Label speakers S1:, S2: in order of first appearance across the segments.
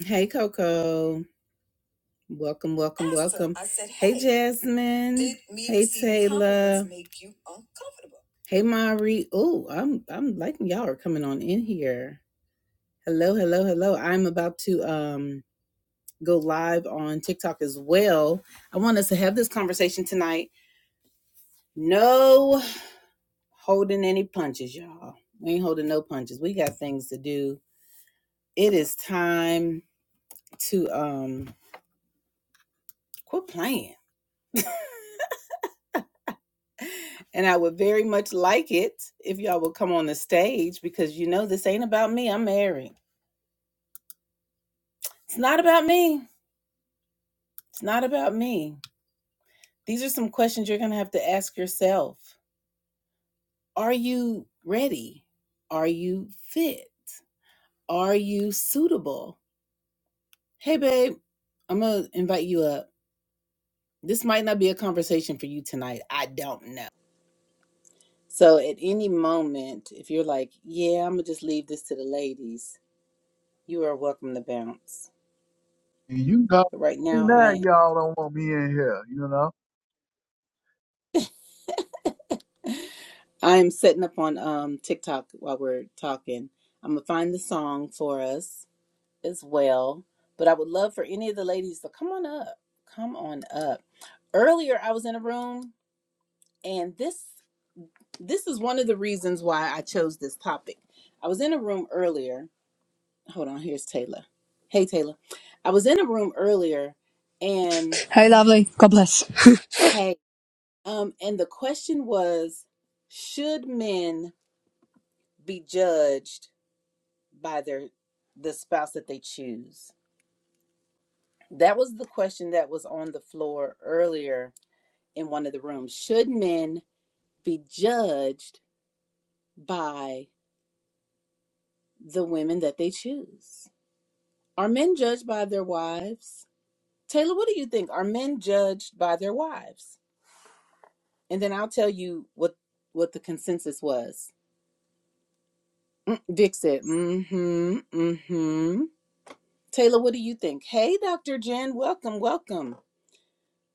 S1: Hey Coco. Welcome, welcome, Asked welcome. I said, hey, "Hey, Jasmine. Did me hey receiving Taylor. compliments Make you uncomfortable? Hey Mari. Oh, I'm I'm liking y'all are coming on in here. Hello, hello, hello. I'm about to um go live on TikTok as well. I want us to have this conversation tonight. No holding any punches, y'all. We ain't holding no punches. We got things to do. It is time to um quit playing And I would very much like it if y'all would come on the stage because you know this ain't about me. I'm married. It's not about me. It's not about me. These are some questions you're going to have to ask yourself. Are you ready? Are you fit? Are you suitable? Hey, babe, I'm going to invite you up. This might not be a conversation for you tonight. I don't know. So, at any moment, if you're like, yeah, I'm going to just leave this to the ladies, you are welcome to bounce.
S2: And you know,
S1: But right
S2: see
S1: now, I
S2: now y'all don't want me in here, you know.
S1: I am setting up on um TikTok while we're talking. I'm gonna find the song for us as well. But I would love for any of the ladies to come on up. Come on up. Earlier I was in a room and this this is one of the reasons why I chose this topic. I was in a room earlier. Hold on, here's Taylor. Hey Taylor. I was in a room earlier and
S3: Hey, lovely. God bless.
S1: hey, um and the question was should men be judged by their the spouse that they choose. That was the question that was on the floor earlier in one of the rooms. Should men be judged by the women that they choose? Are men judged by their wives? Taylor, what do you think? Are men judged by their wives? And then I'll tell you what what the consensus was. Mm, Vic said, "Mm-hmm, mm-hmm." Taylor, what do you think? Hey, Dr. Jen, welcome, welcome.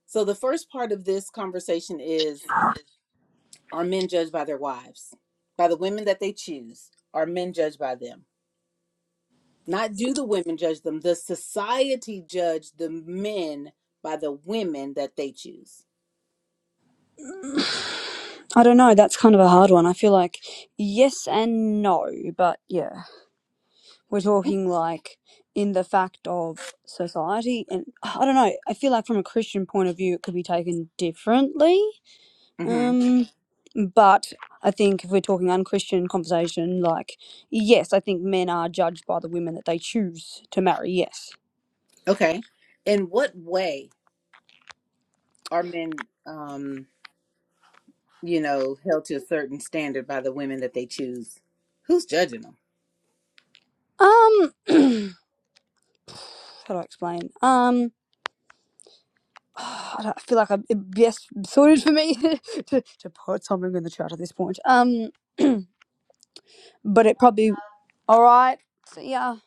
S1: So the first part of this conversation is are men judged by their wives? By the women that they choose? Are men judged by them? Not do the women judge them. The society judge the men by the women that they choose.
S3: I don't know. That's kind of a hard one. I feel like yes and no, but yeah, we're talking like in the fact of society, and I don't know. I feel like from a Christian point of view, it could be taken differently.
S1: hmm
S3: Um, but I think if we're talking unchristian conversation, like yes, I think men are judged by the women that they choose to marry. Yes.
S1: Okay. In what way are men, um, you know, held to a certain standard by the women that they choose? Who's judging them?
S3: Um, how do I explain? Um, I don't- I feel like I'm, yes, so for me to, to put something in the chat at this point. Um, but it probably all right. So yeah,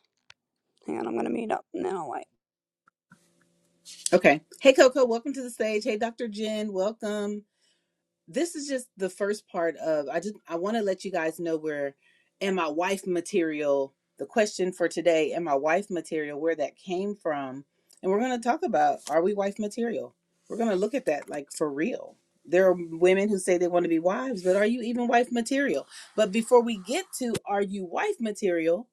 S3: hang on, I'm gonna mute up and then I'll wait.
S1: Okay. Hey, Coco, welcome to the stage. Hey, Dr. Jen, welcome. this is just the first part of i just i want to let you guys know where am I wife material the question for today Am I wife material where that came from and we're going to talk about are we wife material we're going to look at that like for real there are women who say they want to be wives but are you even wife material but before we get to are you wife material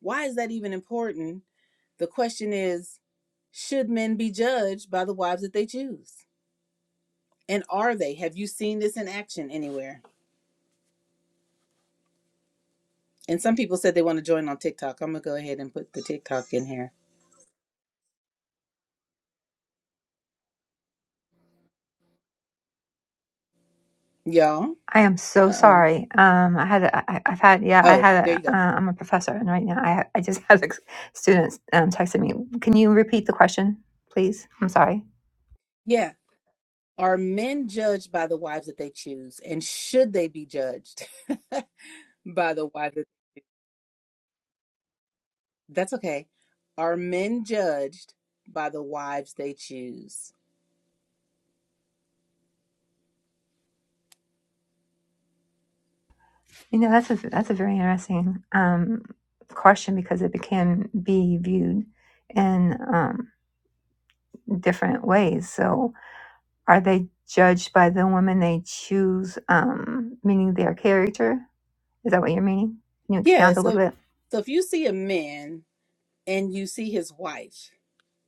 S1: why is that even important the question is should men be judged by the wives that they choose and are they have you seen this in action anywhere And some people said they want to join on TikTok. I'm gonna go ahead and put the TikTok in here. Y'all.
S4: I am so
S1: Uh oh.
S4: sorry. Um, I had, a, I, I've had, yeah, I
S1: Oh,
S4: had.
S1: there
S4: A,
S1: you go.
S4: uh, I'm a professor, and right now I, ha- I just had a students um, texting me. Can you repeat the question, please? I'm sorry.
S1: Yeah. Are men judged by the wives that they choose? And should they be judged by the wives that that's okay. Are men judged by the wives they choose?
S4: You know, that's a that's a very interesting um, question because it can be viewed in um, different ways. So, are they judged by the woman they choose, um, meaning their character? Is that what you're meaning? Can you
S1: Yeah,
S4: expound a
S1: so
S4: little bit?
S1: so if you see a man and you see his wife,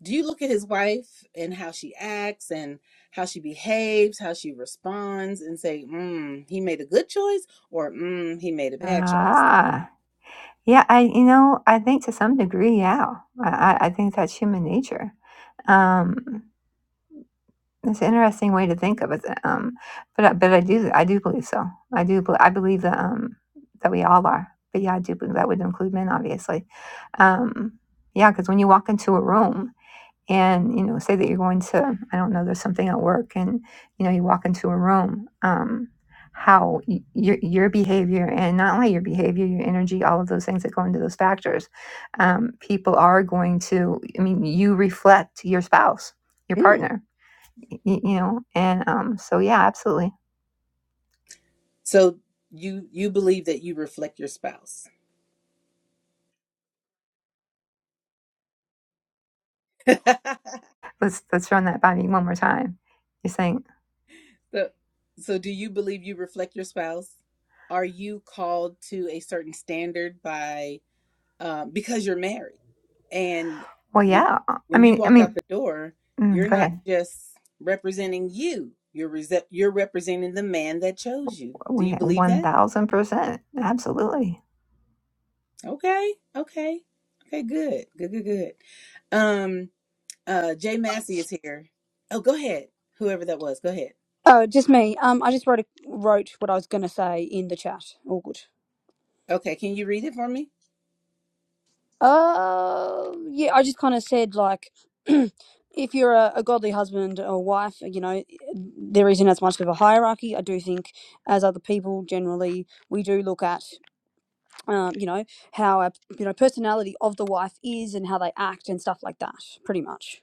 S1: do you look at his wife and how she acts and how she behaves, how she responds, and say, mm, he made a good choice or mm, he made a bad choice?
S4: Ah. Yeah, I you know, I think to some degree, yeah. I, I I think that's human nature. Um, it's an interesting way to think of it. Um, but I- but I do I do believe so. I do bel- I believe that um that we all are. But yeah, I do believe that would include men, obviously. Um, yeah, because when you walk into a room, and you know say that you're going to i don't know there's something at work and you know you walk into a room um how y- your your behavior and not only your behavior your energy all of those things that go into those factors um, people are going to i mean you reflect your spouse your
S1: Mm.
S4: partner y- y- you know and um, so yeah absolutely
S1: So you you believe that you reflect your spouse.
S4: let's let's run that by me one more time you're saying
S1: so, so do you believe you reflect your spouse? Are you called to a certain standard by um, because you're married. And
S4: well
S1: when
S4: yeah
S1: you
S4: i
S1: when you
S4: mean i
S1: walk out
S4: mean
S1: the door,
S4: mm,
S1: you're
S4: go
S1: not
S4: ahead
S1: just representing you. You're rese- you're representing the man that chose you. Do
S4: we
S1: you believe that?
S4: 1000% absolutely
S1: Okay, okay, okay. Good, good, good, good. Um, uh, Jay Massey is here. Oh, go ahead. Whoever that was, go ahead.
S3: Oh, just me. Um, I just wrote a, wrote what I was gonna say in the chat. All good.
S1: Okay, can you read it for me?
S3: Uh, yeah, I just kind of said like, if you're a, a godly husband or wife, you know, there isn't as much of a hierarchy. I do think as other people generally, we do look at. um, you know how a you know personality of the wife is and how they act and stuff like that pretty much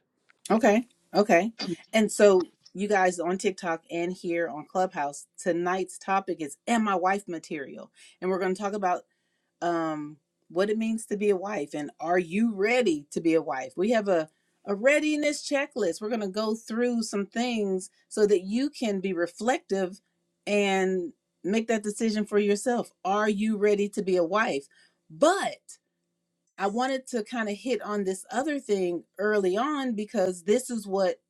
S1: Okay, okay. And so you guys on TikTok and here on Clubhouse, tonight's topic is "Am I Wife Material?" and we're going to talk about um, what it means to be a wife and are you ready to be a wife? We have a, a readiness checklist. We're going to go through some things so that you can be reflective and make that decision for yourself. Are you ready to be a wife? But I wanted to kind of hit on this other thing early on because this is what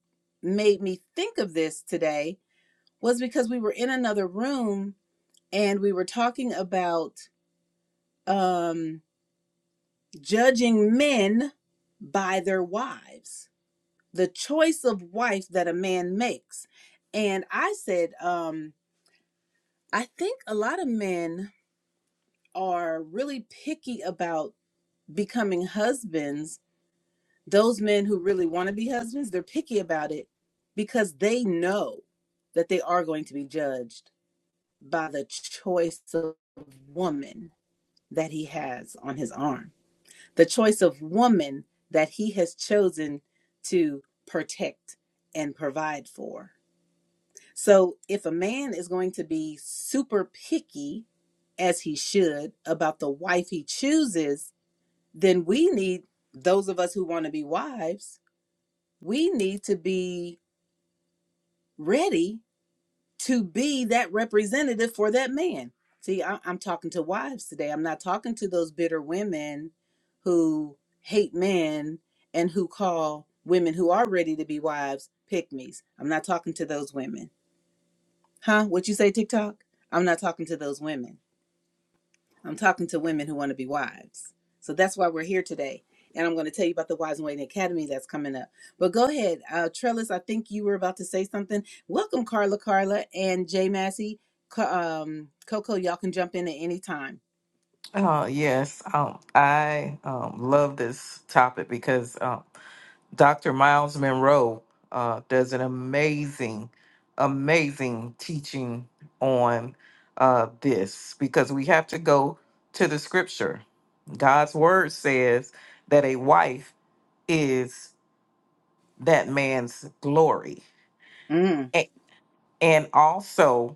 S1: made me think of this today was because we were in another room and we were talking about um judging men by their wives, the choice of wife that a man makes. And I said, um, I think a lot of men are really picky about becoming husbands. Those men who really want to be husbands, they're picky about it because they know that they are going to be judged by the choice of woman that he has on his arm the choice of woman that he has chosen to protect and provide for. So, if a man is going to be super picky, as he should, about the wife he chooses, then we need, those of us who want to be wives, we need to be ready to be that representative for that man. See, I, I'm talking to wives today. I'm not talking to those bitter women who hate men and who call women who are ready to be wives pick me's. I'm not talking to those women. Huh? What you say, TikTok? I'm not talking to those women. I'm talking to women who want to be wives. So that's why we're here today. And I'm going to tell you about the Wise and Waiting Academy that's coming up. But go ahead, uh, Trellis, I think you were about to say something. Welcome, Carla, Carla, and Jay Massey. Co- Um, Coco, y'all can jump in at any time.
S5: Oh, yes. Um, I um, love this topic because um, Dr. Miles Monroe uh, does an amazing, amazing teaching on uh, this because we have to go to the scripture. God's word says that a wife is that man's glory.
S1: Mm.
S5: A- and also,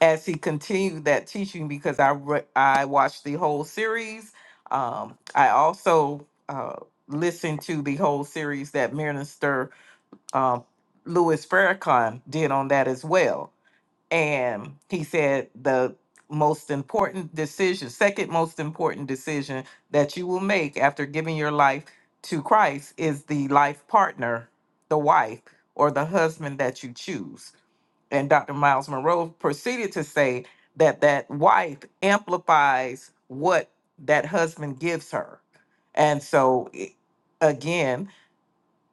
S5: as he continued that teaching because I re- I watched the whole series. Um, I also uh, listened to the whole series that Minister um, Louis Farrakhan did on that as well, and he said the most important decision, second most important decision that you will make after giving your life to Christ is the life partner, the wife or the husband that you choose and Dr. Miles Monroe proceeded to say that that wife amplifies what that husband gives her. And so, i- again,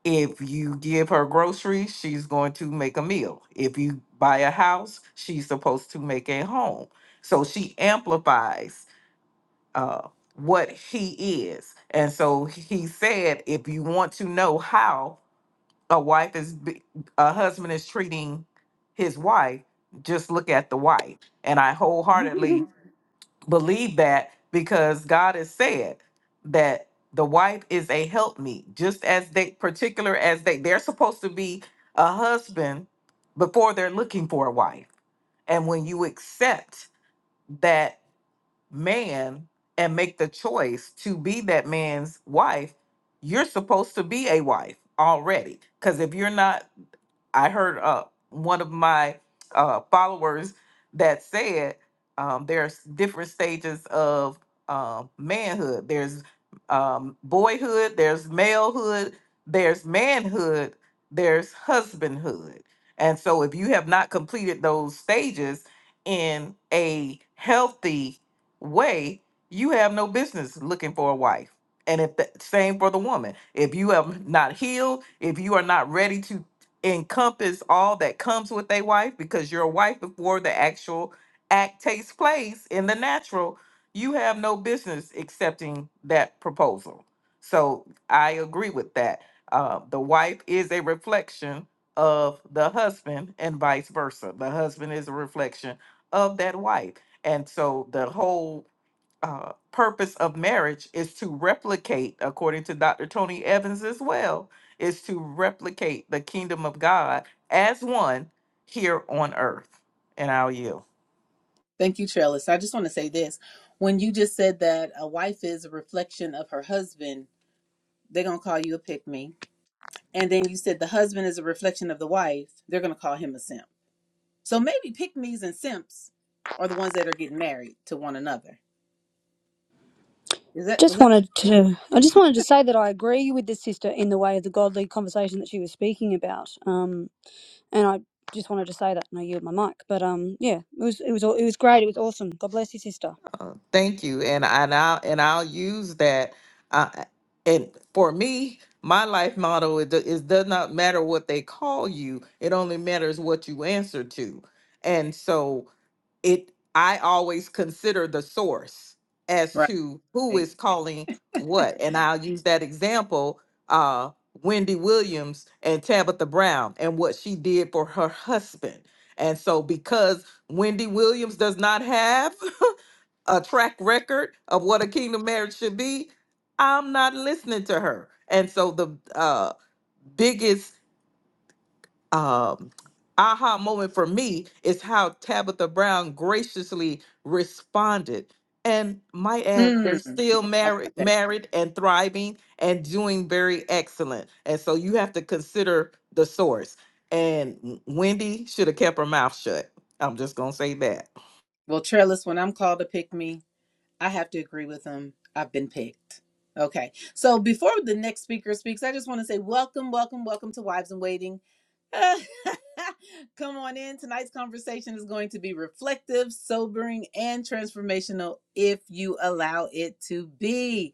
S5: if you give her groceries, she's going to make a meal. If you buy a house, she's supposed to make a home. So she amplifies uh, what he is. And so he said, if you want to know how, a wife is be- a husband is treating his wife just look at the wife and i wholeheartedly believe that because god has said that the wife is a helpmeet just as they particular as they they're supposed to be a husband before they're looking for a wife and when you accept that man and make the choice to be that man's wife you're supposed to be a wife already because if you're not I heard uh, one of my uh, followers that said um, there's different stages of uh, manhood. There's um, boyhood, there's malehood, there's manhood, there's husbandhood. And so if you have not completed those stages in a healthy way, you have no business looking for a wife. And if the same for the woman, if you have not healed, if you are not ready to encompass all that comes with a wife because you're a wife before the actual act takes place in the natural you have no business accepting that proposal so i agree with that uh, the wife is a reflection of the husband and vice versa the husband is a reflection of that wife and so the whole uh, purpose of marriage is to replicate, according to Dr. Tony Evans as well, is to replicate the kingdom of God as one here on earth. And I'll yield.
S1: Thank you, Trellis. I just want to say this. When you just said that a wife is a reflection of her husband, they're going to call you a pick me. And then you said the husband is a reflection of the wife, they're going to call him a simp. So maybe pick me's and simps are the ones that are getting married to one another. Is that is
S3: just
S1: that
S3: wanted to i just wanted to say that i agree with this sister in the way of the godly conversation that she was speaking about um and i just wanted to say that and i yield my mic but um yeah it was it was it was great it was awesome god bless you sister
S5: Uh, thank you, and I and I'll, and I'll use that. Uh, and for me, my life motto is: it do- it does not matter what they call you; it only matters what you answer to. And so, it i always consider the source as
S1: right?
S5: to who is calling what and i'll use that example uh wendy williams and tabitha brown and what she did for her husband and so because wendy williams does not have a track record of what a kingdom marriage should be i'm not listening to her and so the uh biggest um, aha moment for me is how Tabitha Brown graciously responded. And might add, they're
S1: Mm. We'll
S5: still
S1: talk about
S5: married,
S1: that.
S5: married and thriving and doing very excellent. And so you have to consider the source. And Wendy should have kept her mouth shut. I'm just gonna say that.
S1: Well, Trellis, when I'm called to pick me, I have to agree with them. I've been picked. Okay. So before the next speaker speaks, I just want to say welcome, welcome, welcome to Wives in Waiting. Come on in. Tonight's conversation is going to be reflective, sobering, and transformational if you allow it to be.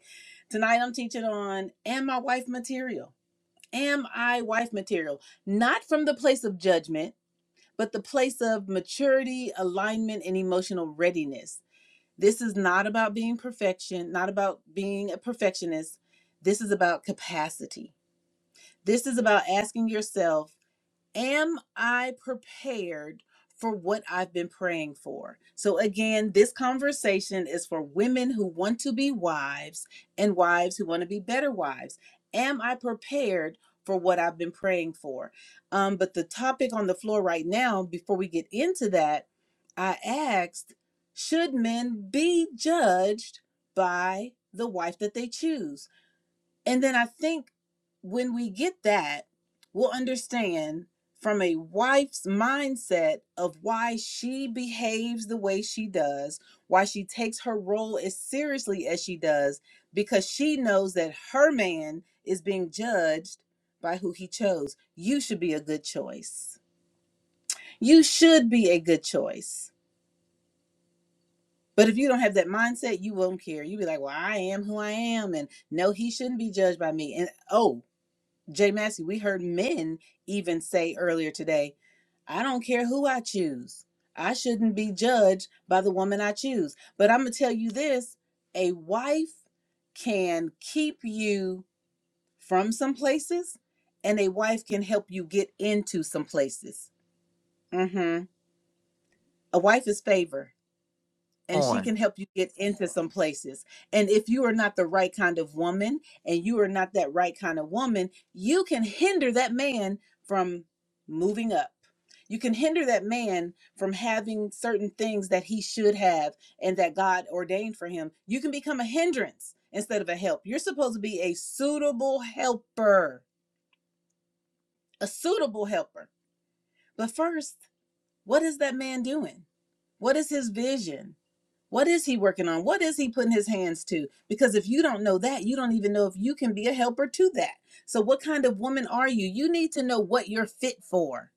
S1: Tonight I'm teaching on Am I Wife Material? am I wife material? Not from the place of judgment, but the place of maturity, alignment, and emotional readiness. This is not about being perfection, not about being a perfectionist. This is about capacity. This is about asking yourself am I prepared for what I've been praying for? So, again, this conversation is for women who want to be wives and wives who want to be better wives. Am I prepared for what I've been praying for? Um, but the topic on the floor right now, before we get into that, I asked Should men be judged by the wife that they choose? And then I think when we get that, we'll understand from a wife's mindset of why she behaves the way she does, why she takes her role as seriously as she does, because she knows that her man is being judged by who he chose. You should be a good choice. You should be a good choice. But if you don't have that mindset, you won't care. You'll be like, well, I am who I am. And no, he shouldn't be judged by me. And oh, Jay Massey, we heard men even say earlier today, I don't care who I choose. I shouldn't be judged by the woman I choose. But I'm going to tell you this a wife can keep you from some places, and a wife can help you get into some places. hmm A wife is favor and she
S5: On.
S1: can help you get into some places. And if you are not the right kind of woman and you are not that right kind of woman, you can hinder that man from moving up. You can hinder that man from having certain things that he should have and that God ordained for him. You can become a hindrance instead of a help. You're supposed to be a suitable helper, a suitable helper. But first, what is that man doing? What is his vision? What is he working on? What is he putting his hands to? Because if you don't know that, you don't even know if you can be a helper to that. So, what kind of woman are you? You need to know what you're fit for.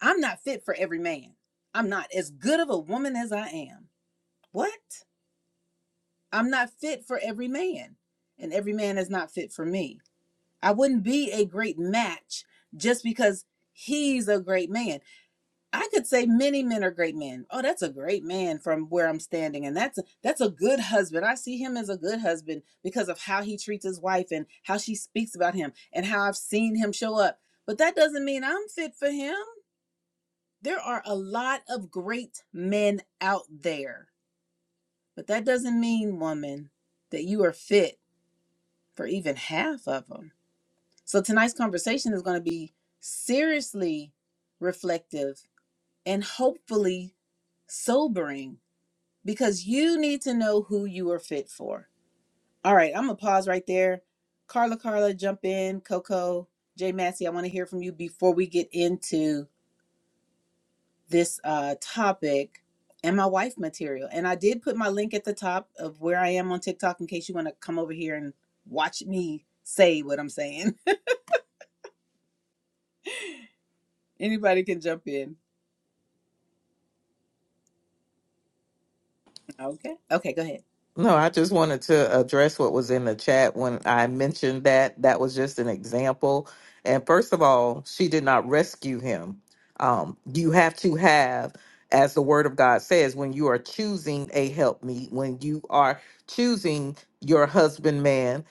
S1: I'm not fit for every man. I'm not as good of a woman as I am. What? I'm not fit for every man, and every man is not fit for me. I wouldn't be a great match just because he's a great man. I could say many men are great men. Oh, that's a great man from where I'm standing, and that's a, that's a good husband. I see him as a good husband because of how he treats his wife and how she speaks about him and how I've seen him show up. But that doesn't mean I'm fit for him. There are a lot of great men out there, but that doesn't mean, woman, that you are fit for even half of them. So tonight's conversation is going to be seriously reflective and hopefully sobering because you need to know who you are fit for. All right, I'm gonna pause right there. Carla, Carla, jump in. Coco, Jay Massey, I want to hear from you before we get into this uh, topic and my wife material. And I did put my link at the top of where I am on TikTok in case you want to come over here and watch me say what I'm saying. Anybody can jump in. Okay. Okay, go ahead.
S5: No, I just wanted to address what was in the chat when I mentioned that. That was just an example. And first of all, she did not rescue him. Um, you have to have, as the word of God says, when you are choosing a helpmeet, when you are choosing your husband man,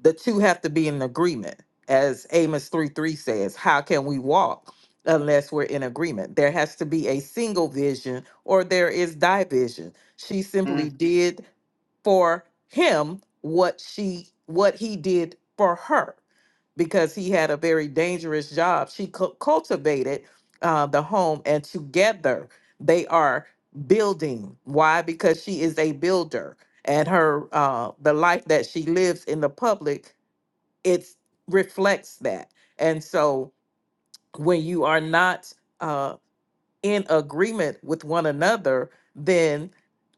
S5: the two have to be in agreement. As Amos 3 3 says, how can we walk unless we're in agreement? There has to be a single vision or there is division. She simply
S1: Mm.
S5: did for him what she what he did for her because he had a very dangerous job she cu- cultivated uh, the home and together they are building why because she is a builder and her uh, the life that she lives in the public it reflects that and so when you are not uh, in agreement with one another then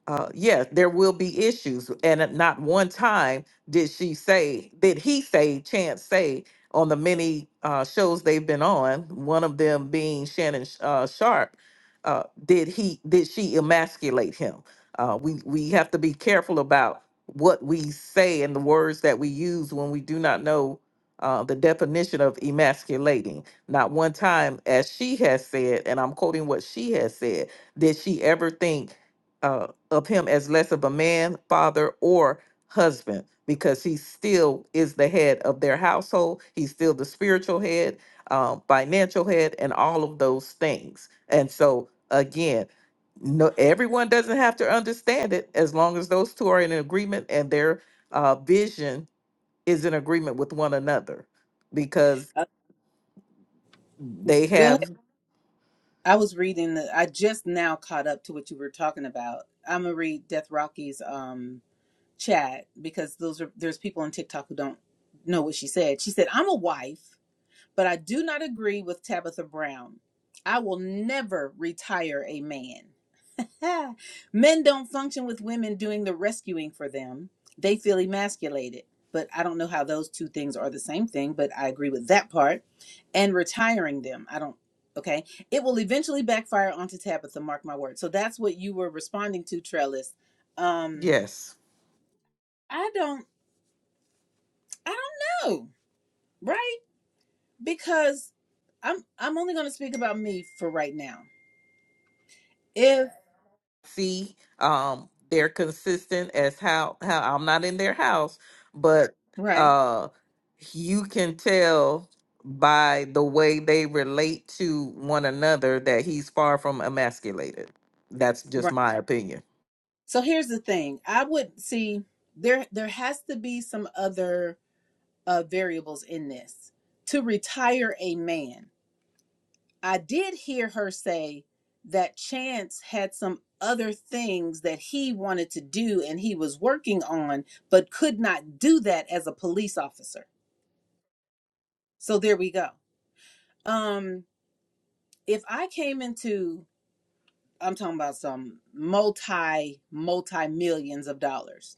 S5: uh, yes, there will be issues. And at not one time did she say, did he say, Chance say, on the many uh, shows they've been on, one of them being Shannon Sh- uh, Sharp, uh, did he, did she emasculate him? Uh, we we have to be careful about what we say and the words that we use when we do not know uh, the definition of emasculating. Not one time, as she has said, and I'm quoting what she has said, did she ever think? uh, of him as less of a man, father, or husband, because he still is the head of their household. He's still the spiritual head, um, financial head, and all of those things. And so, again, no, everyone doesn't have to understand it as long as those two are in agreement and their uh, vision is in agreement with one another, because
S1: Uh,
S5: they
S1: go ahead.
S5: have
S1: I was reading. The, I just now caught up to what you were talking about. I'm gonna read Death Rocky's um chat because those are there's people on TikTok who don't know what she said. She said, "I'm a wife, but I do not agree with Tabitha Brown. I will never retire a man. Ah. Men don't function with women doing the rescuing for them. They feel emasculated. But I don't know how those two things are the same thing, but I agree with that part. And retiring them, I don't okay. It will eventually backfire onto Tabitha, mark my word. So that's what you were responding to, Trellis. Um
S5: yes.
S1: I don't I don't know, right? Because I'm I'm only going to speak about me for right now. If
S5: see um they're consistent as how how I'm not in their house but
S1: right,
S5: uh you can tell by the way they relate to one another that he's far from emasculated that's just
S1: right.
S5: my opinion
S1: So here's the thing. I would see there there has to be some other uh variables in this. To retire a man. I did hear her say that Chance had some other things that he wanted to do and he was working on but could not do that as a police officer. So there we go. Um if I came into, I'm talking about some multi, multi millions of dollars,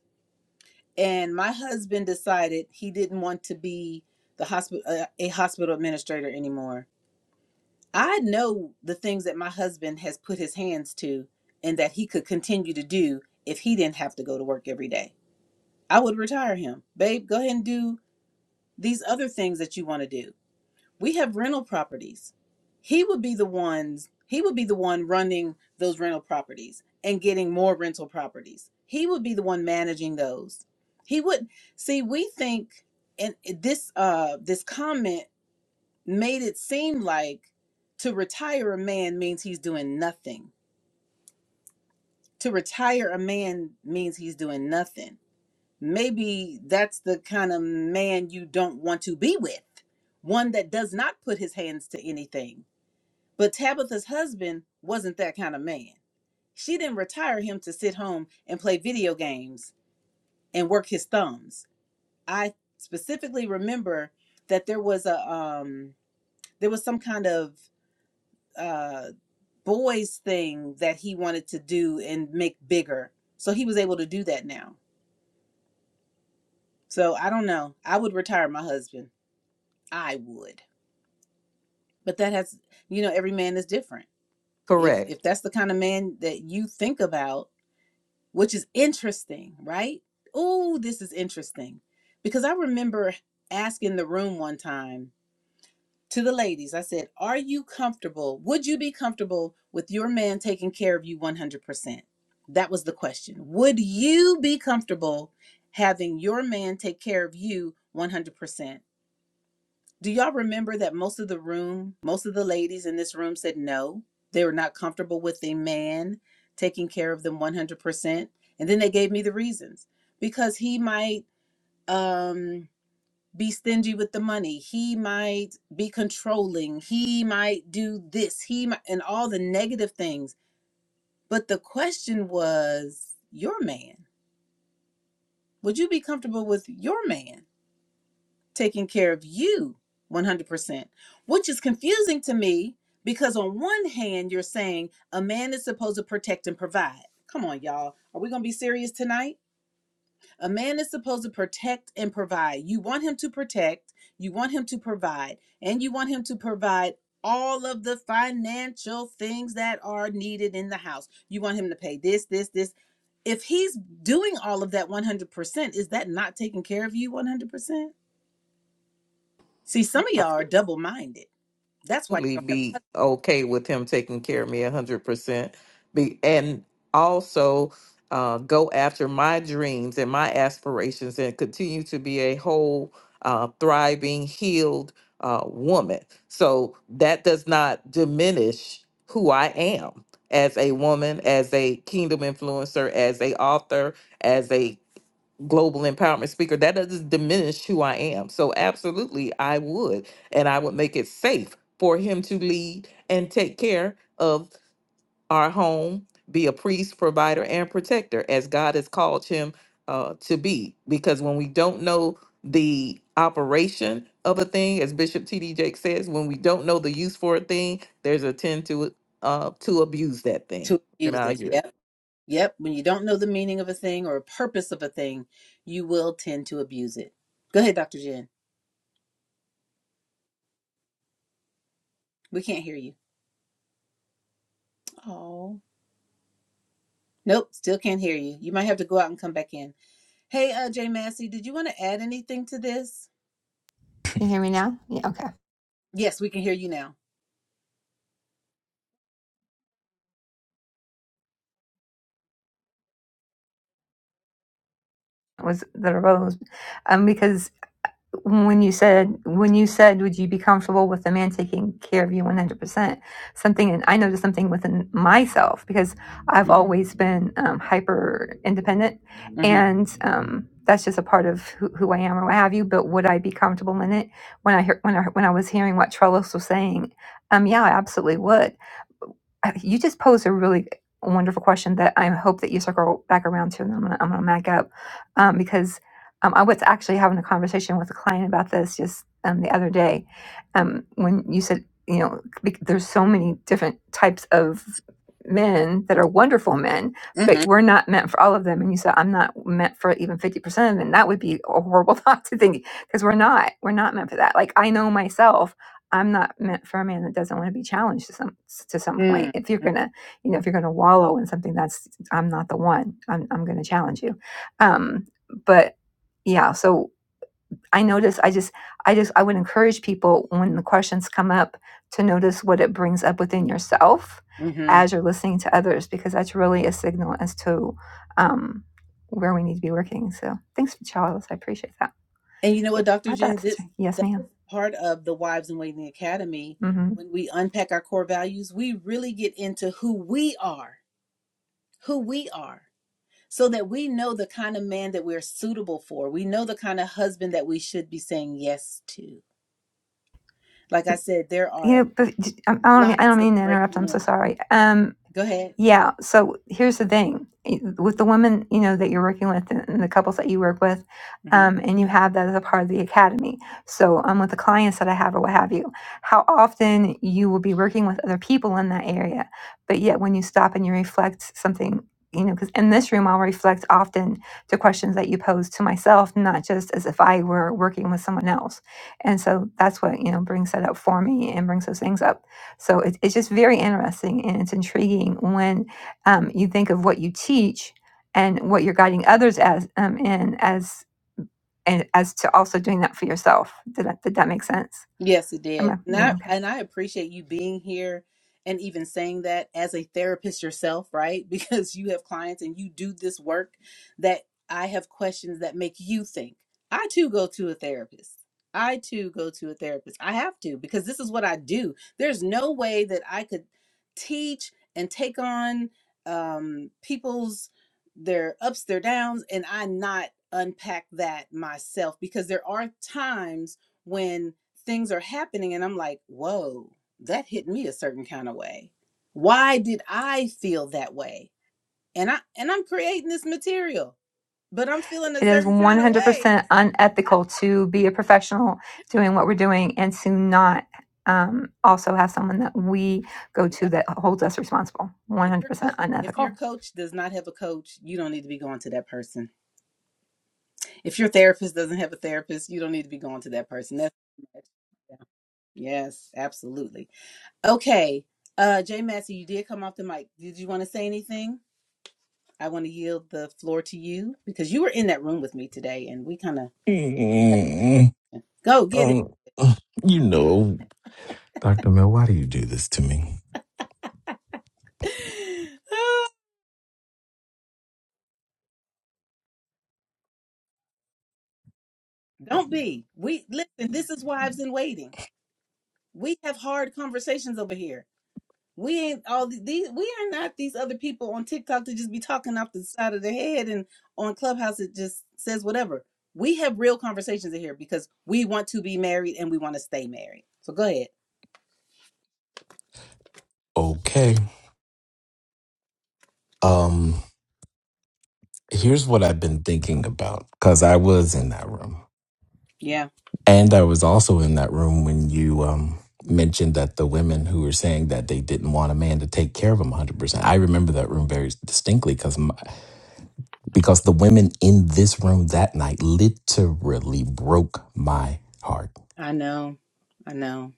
S1: and my husband decided he didn't want to be the hospital, uh, a hospital administrator anymore. I know the things that my husband has put his hands to and that he could continue to do if he didn't have to go to work every day. I would retire him. Babe, go ahead and do these other things that you want to do we have rental properties he would be the ones he would be the one running those rental properties and getting more rental properties he would be the one managing those he would see we think and this uh this comment made it seem like to retire a man means he's doing nothing to retire a man means he's doing nothing maybe that's the kind of man you don't want to be with one that does not put his hands to anything But Tabitha's husband wasn't that kind of man. She didn't retire him to sit home and play video games and work his thumbs. I specifically remember that there was a um there was some kind of uh boys thing that he wanted to do and make bigger. So he was able to do that now. So I don't know. I would retire my husband. I would. But that has you know every man is different. If
S5: correct
S1: if that's the kind of man that you think about which is interesting, right? Oh, this is interesting. Because I remember asking the room one time to the ladies, I said, Are you comfortable? Would you be comfortable with your man taking care of you 100%? That was the question. Would you be comfortable having your man take care of you 100%? Do y'all remember that most of the room, most of the ladies in this room said no? They were not comfortable with a man taking care of them 100%. And then they gave me the reasons because he might um, be stingy with the money, he might be controlling, he might do this, he might, and all the negative things. But the question was your man. Would you be comfortable with your man? taking care of you 100%, which is confusing to me because on one hand, you're saying a man is supposed to protect and provide. Come on, y'all. Are we going to be serious tonight? A man is supposed to protect and provide. You want him to protect, you want him to provide, and you want him to provide all of the financial things that are needed in the house. You want him to pay this, this, this. If he's doing all of that 100%, is that not taking care of you 100%? See, some of y'all are double minded. That's why you
S5: absolutely
S1: don't have
S5: be okay with him taking care of me 100% be, and also uh, go after my dreams and my aspirations and continue to be a whole uh, thriving healed uh, woman so that does not diminish who i am as a woman as a kingdom influencer as a author as a global empowerment speaker, that doesn't diminish who I am. So, absolutely, I would. And I would make it safe for him to lead and take care of our home, be a priest, provider, and protector as God has called him uh, to be. Because when we don't know the operation of a thing, as Bishop T.D. Jakes says, when we don't know the use for a thing, there's a tend to uh, to abuse that thing.
S1: to
S5: And
S1: abuse
S5: Now
S1: it.
S5: you
S1: Yep. Yep. When you don't know the meaning of a thing or a purpose of a thing, you will tend to abuse it. Go ahead, Dr. Jen. We can't hear you. Oh. Nope, still can't hear you. You might have to go out and come back in. Hey, uh, Jay Massey, did you want to add anything to this?
S4: can you hear me now yeah okay
S1: Yes, we can hear you now.
S4: was that arose um because when you said when you said would you be comfortable with a man taking care of you 100% something and i noticed something within myself because i've
S1: Mm-hmm.
S4: always been um, hyper independent
S1: Mm-hmm.
S4: and um, that's just a part of who, who i am or what have you but would i be comfortable in it when i hear when i when i was hearing what trellis was saying um yeah i absolutely would you just posed a really wonderful question that I hope that you circle back around to, and I'm gonna I'm gonna back up um, because um, I was actually having a conversation with a client about this just um, the other day um, when you said you know bec- there's so many different types of men that are wonderful men but we're not meant for all of them and you said i'm not meant for even 50% of them that would be a horrible thought to think because we're not we're not meant for that like i know myself I'm not meant for a man that doesn't want to be challenged to some to some
S1: Mm-hmm.
S4: point. If you're gonna, you know, if you're gonna wallow in something, that's I'm not the one. I'm I'm gonna challenge you. Um, but yeah, so I notice. I just, I just, I would encourage people when the questions come up to notice what it brings up within yourself
S1: Mm-hmm.
S4: as you're listening to others, because that's really a signal as to um, where we need to be working. So thanks for Charles. I appreciate that.
S1: And you know
S4: You
S1: what, Dr.
S4: brought that
S1: Jen,
S4: up, sister.
S1: this
S4: Yes,
S1: that
S4: madam
S1: is part of the Wives and Waiting Academy. When we unpack our core values, we really get into who we are, who we are, so that we know the kind of man that we're suitable for. We know the kind of husband that we should be saying yes to. Like I said, there
S4: you know,
S1: are
S4: I I don't mean I
S1: lots
S4: don't
S1: of
S4: mean to
S1: great
S4: interrupt. I'm so
S1: men.
S4: sorry. Um,
S1: Go ahead.
S4: yeah. So here's the thing i- with the women, you know, that you're working with and and the couples that you work with,
S1: Mm-hmm.
S4: um, and you have that as a part of the academy. So um, with the clients that I have or what have you, how often you will be working with other people in that area, but yet when you stop and you reflect something, you know, because in this room I'll reflect often to questions that you pose to myself, not just as if I were working with someone else. And so that's what you know brings that up for me and brings those things up so it, it's just very interesting and it's intriguing when um, you think of what you teach and what you're guiding others as um, in as and as to also doing that for yourself. Did that, did that make sense?
S1: Yes, it
S4: Am
S1: did.
S4: I-
S1: And
S4: yeah,
S1: I,
S4: okay.
S1: and I appreciate you being here and even saying that as a therapist yourself, right? Because you have clients and you do this work that I have questions that make you think. I too go to a therapist. I too go to a therapist. I have to because this is what I do. There's no way that I could teach and take on um, people's their ups, their downs, and I not unpack that myself because there are times when things are happening and I'm like, whoa, that hit me a certain kind of way. Why did I feel that way? And I and I'm creating this material, but I'm feeling a
S4: It is
S1: certain kind of way.
S4: 100% unethical to be a professional doing what we're doing and to not um, also have someone that we go to
S1: Yeah.
S4: that holds us responsible.
S1: If your
S4: 100%
S1: co- if your
S4: unethical.
S1: coach does not have a coach, you don't need to be going to that person. If your therapist doesn't have a therapist, you don't need to be going to that person. That's yeah. yes, absolutely. Okay. Uh Jay Massey, you did come off the mic. Did you want to say anything? I want to yield the floor to you because you were in that room with me today and we kind of
S6: Mm,
S1: go get it.
S6: Um, you know, Dr. Mill, why do you do this to me?
S1: Don't be. We listen, this is wives in waiting. We have hard conversations over here. We ain't all the- these we are not these other people on TikTok to just be talking off the side of their head and on Clubhouse it just says whatever. We have real conversations in here because we want to be married and we want to stay married. So go ahead.
S6: Okay. Um, here's what I've been thinking about because I was in that room.
S1: Yeah,
S6: And I was also in that room when you um, mentioned that the women who were saying that they didn't want a man to take care of them 100%. I remember that room very distinctly because because the women in this room that night literally broke my heart
S1: I know. I know.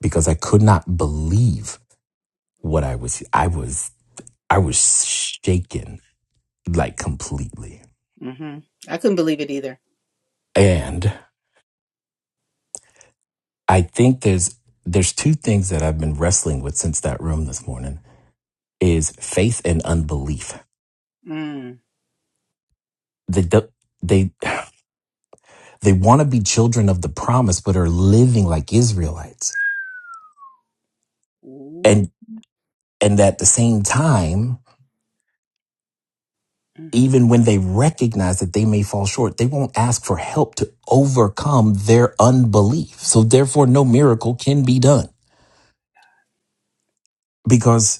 S6: because I could not believe what I was. I was. I was shaken like completely.
S1: Mhm. I couldn't believe it either.
S6: And I think there's there's two things that I've been wrestling with since that room this morning is faith and unbelief.
S1: Mm.
S6: They they they want to be children of the promise but are living like Israelites.
S1: Ooh.
S6: And and at the same time,
S1: Mm.
S6: even when they recognize that they may fall short, they won't ask for help to overcome their unbelief. So therefore no miracle can be done because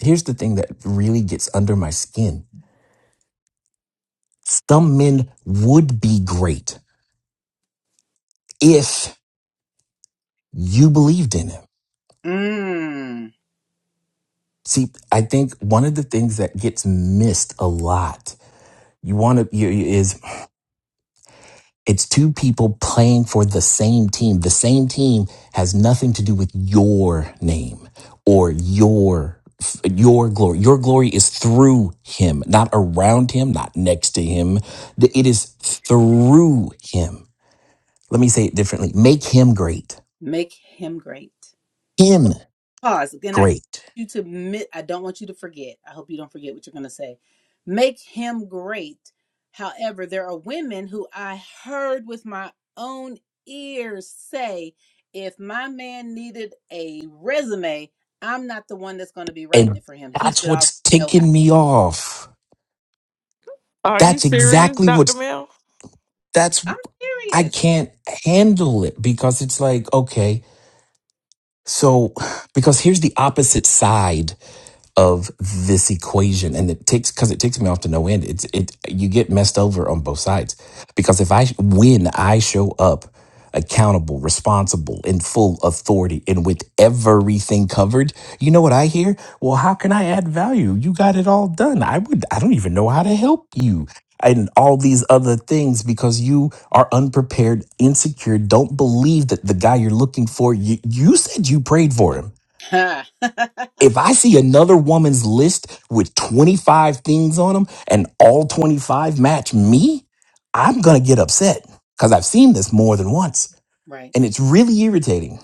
S6: here's the thing that really gets under my skin. Some men would be great if you believed in him.
S1: Mm.
S6: See, I think one of the things that gets missed a lot, you want to, you, is it's two people playing for the same team. The same team has nothing to do with your name or your your glory your glory is through him not around him not next to him it is through him Let me say it differently. Make him great.
S1: Make him great.
S6: Him
S1: Pause. Again, I don't
S6: great.
S1: want you to admit, I don't want you to forget. I hope you don't forget what you're going to say. Make him great. However, there are women who I heard with my own ears say, if my man needed a resume, I'm not the one that's going to be writing
S6: And
S1: it for him. He
S6: that's
S1: should already
S6: what's
S1: know how.
S6: ticking me off.
S5: are you
S6: That's
S1: Mm.
S5: serious,
S6: exactly
S5: Dr.
S6: what's
S5: Mel?
S6: that's
S1: I'm
S6: I
S1: serious.
S6: can't handle it because it's like, okay, so because here's the opposite side of this equation and it takes because it takes me off to no end it's it you get messed over on both sides because if i when i show up accountable responsible in full authority and with everything covered you know what i hear well how can i add value you got it all done i would i don't even know how to help you and all these other things because you are unprepared insecure don't believe that the guy you're looking for you, you said you prayed for him if I see another woman's list with 25 things on them and all 25 match me, I'm going to get upset because I've seen this more than once.
S1: right.
S6: And it's really irritating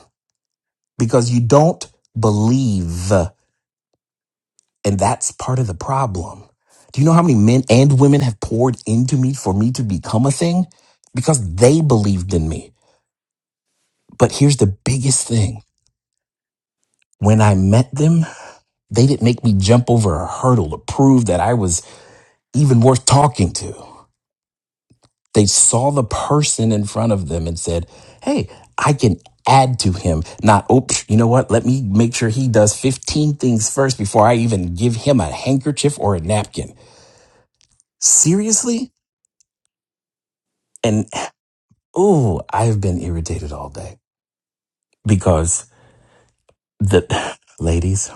S6: because you don't believe. And that's part of the problem. Do you know how many men and women have poured into me for me to become a thing? Because they believed in me. But here's the biggest thing when I met them, they didn't make me jump over a hurdle to prove that I was even worth talking to. They saw the person in front of them and said, Hey, I can add to him. Not, oh, you know what? Let me make sure he does 15 things first before I even give him a handkerchief or a napkin. Seriously? And oh, I've been irritated all day because the ladies,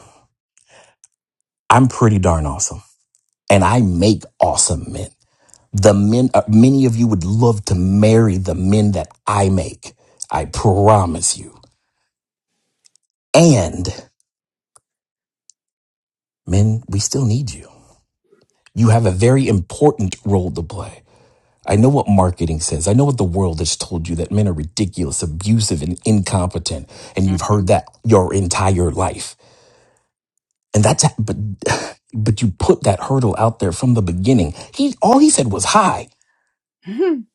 S6: I'm pretty darn awesome and I make awesome men. The men, uh, many of you would love to marry the men that I make. I promise you. And men, we still need you You have a very important role to play. I know what marketing says. I know what the world has told you that men are ridiculous, abusive, and incompetent. And
S1: Mm.
S6: you've heard that your entire life. And that's, but, but you put that hurdle out there from the beginning. He, all he said was hi.
S1: Mhm.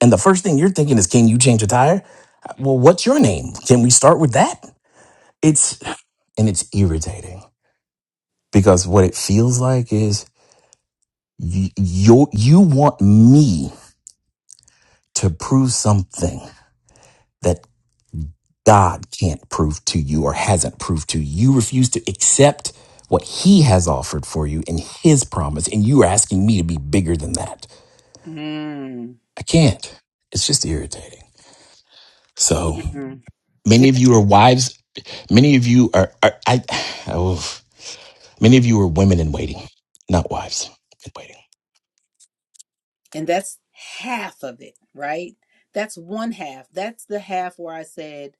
S6: And the first thing you're thinking is, can you change a tire? Well, what's your name? Can we start with that? It's, and it's irritating because what it feels like is you, you, you want me to prove something that. God can't prove to you or hasn't proved to you. You refuse to accept what He has offered for you in His promise, and you are asking me to be bigger than that.
S1: Mm.
S6: I can't. It's just irritating. So
S1: Mhm.
S6: many of you are wives. Many of you are, are I, oh, many of you are women in waiting, not wives in waiting.
S1: And that's half of it, right? That's one half. That's the half where I said,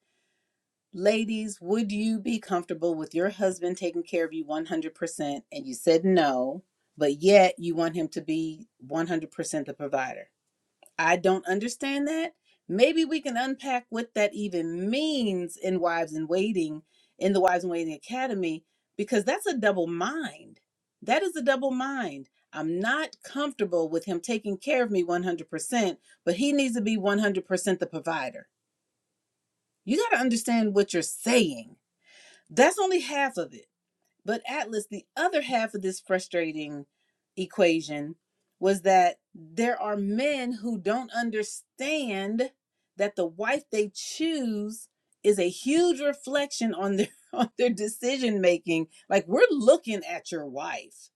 S1: ladies, would you be comfortable with your husband taking care of you 100%? And you said no, but yet you want him to be 100% the provider. I don't understand that. Maybe we can unpack what that even means in Wives in Waiting, in the Wives in Waiting Academy, because that's a double mind. That is a double mind. I'm not comfortable with him taking care of me 100%, but he needs to be 100% the provider. You got to understand what you're saying. That's only half of it. But Atlas, the other half of this frustrating equation was that there are men who don't understand that the wife they choose is a huge reflection on their on their decision making. Like we're looking at your wife.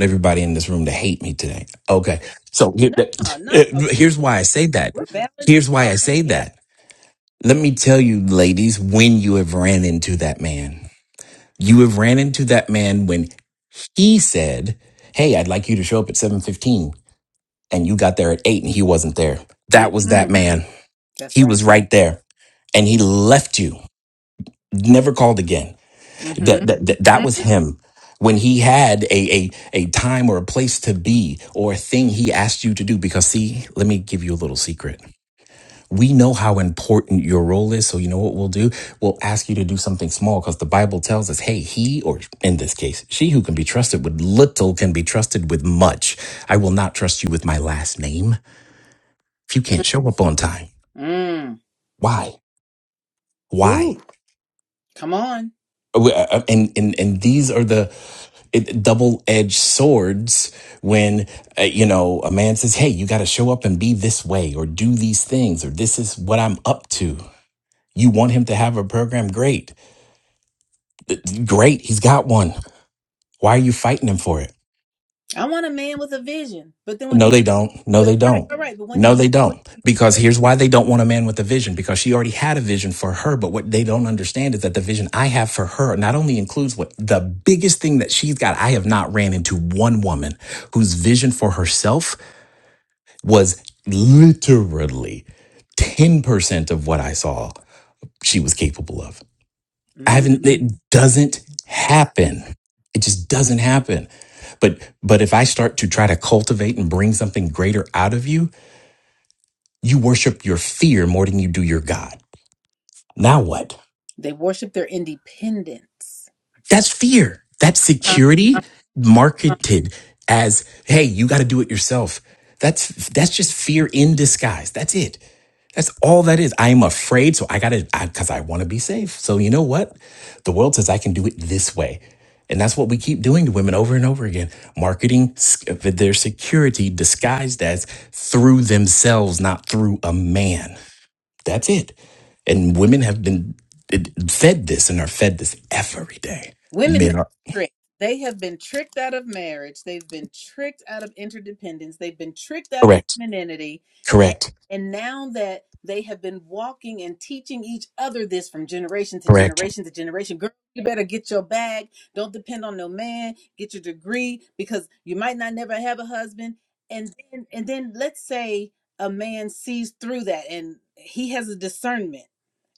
S6: Everybody in this room to hate me today. Okay. So here-
S1: No, no,
S6: here's why I say that.
S1: we're balanced
S6: Here's why I
S1: talking.
S6: say
S1: Yeah,
S6: that. Let me tell you, ladies, when you have ran into that man You have ran into that man when he said, "Hey, I'd like you to show up at 7:15." And you got there at 8 and he wasn't there. That was that
S1: Mm-mm.
S6: man.
S1: that's
S6: He
S1: right.
S6: was right there and he left you. Never called again. That
S1: Mm-hmm.
S6: that that, that was him. When he had a, a a time or a place to be or a thing he asked you to do because see, let me give you a little secret we know how important your role is. So you know what we'll do? We'll ask you to do something small because the Bible tells us, hey, he, or in this case, she who can be trusted with little can be trusted with much. I will not trust you with my last name if you can't show up on time.
S1: Mm.
S6: Why?
S5: Woo.
S6: Why?
S1: Come on.
S6: We- uh, uh, And, and, and these are the double edged swords when, uh, you know, a man says, Hey, you got to show up and be this way or do these things or this is what I'm up to. You want him to have a program? Great Great, he's got one. Why are you fighting him for it?
S1: I want a man with a vision. But then when
S6: No,
S1: he,
S6: they don't. No, they
S1: but, right,
S6: don't.
S1: right, right. But when
S6: No,
S1: he,
S6: they
S1: when,
S6: don't. Because here's why they don't want a man with a vision because she already had a vision for her. But what they don't understand is that the vision I have for her not only includes what the biggest thing that she's got. I have not ran into one woman whose vision for herself was literally 10% of what I saw she was capable of. I
S1: when,
S6: haven't, it doesn't
S1: I like
S6: happen. It just
S1: it.
S6: doesn't happen. But, but if I start to try to cultivate and bring something greater out of you, you worship your fear more than you do your God. Now what?
S1: They worship their independence.
S6: That's fear. That's
S1: Huh?
S6: security marketed as, hey, you got to do it yourself. That's that's just fear in disguise. That's it. That's all that is. I am afraid, so I gotta because I, want to be safe. So you know what? The world says I can do it this way. And that's what we keep doing to women over and over again. Marketing s- their security disguised as through themselves, not through a man. That's it. And women have been fed this and are fed this every day.
S1: Women
S6: Men
S1: have
S6: are
S1: been tricked. They have been tricked out of marriage. They've been tricked out of interdependence. They've been tricked out of
S6: correct,
S1: femininity. And,
S6: correct,
S1: and now that they have been walking and teaching each other this from generation to
S6: correct,
S1: generation to generation, girl, you better get your bag. Don't depend on no man. Get your degree because you might not never have a husband. And then, and then let's say a man sees through that and he has a discernment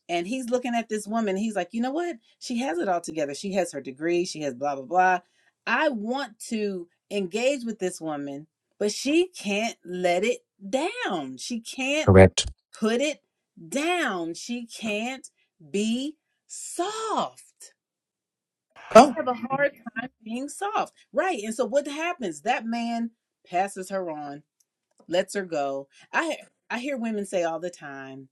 S1: and he's looking at this woman. He's like, you know what? She has it all together. She has her degree. She has blah, blah, blah. I want to engage with this woman, but she can't let it down. She can't
S6: correct.
S1: put it down. She can't be soft.
S6: Oh,
S1: Have a hard time being soft. Right. And so what happens? That man passes her on, lets her go. I I hear women say all the time,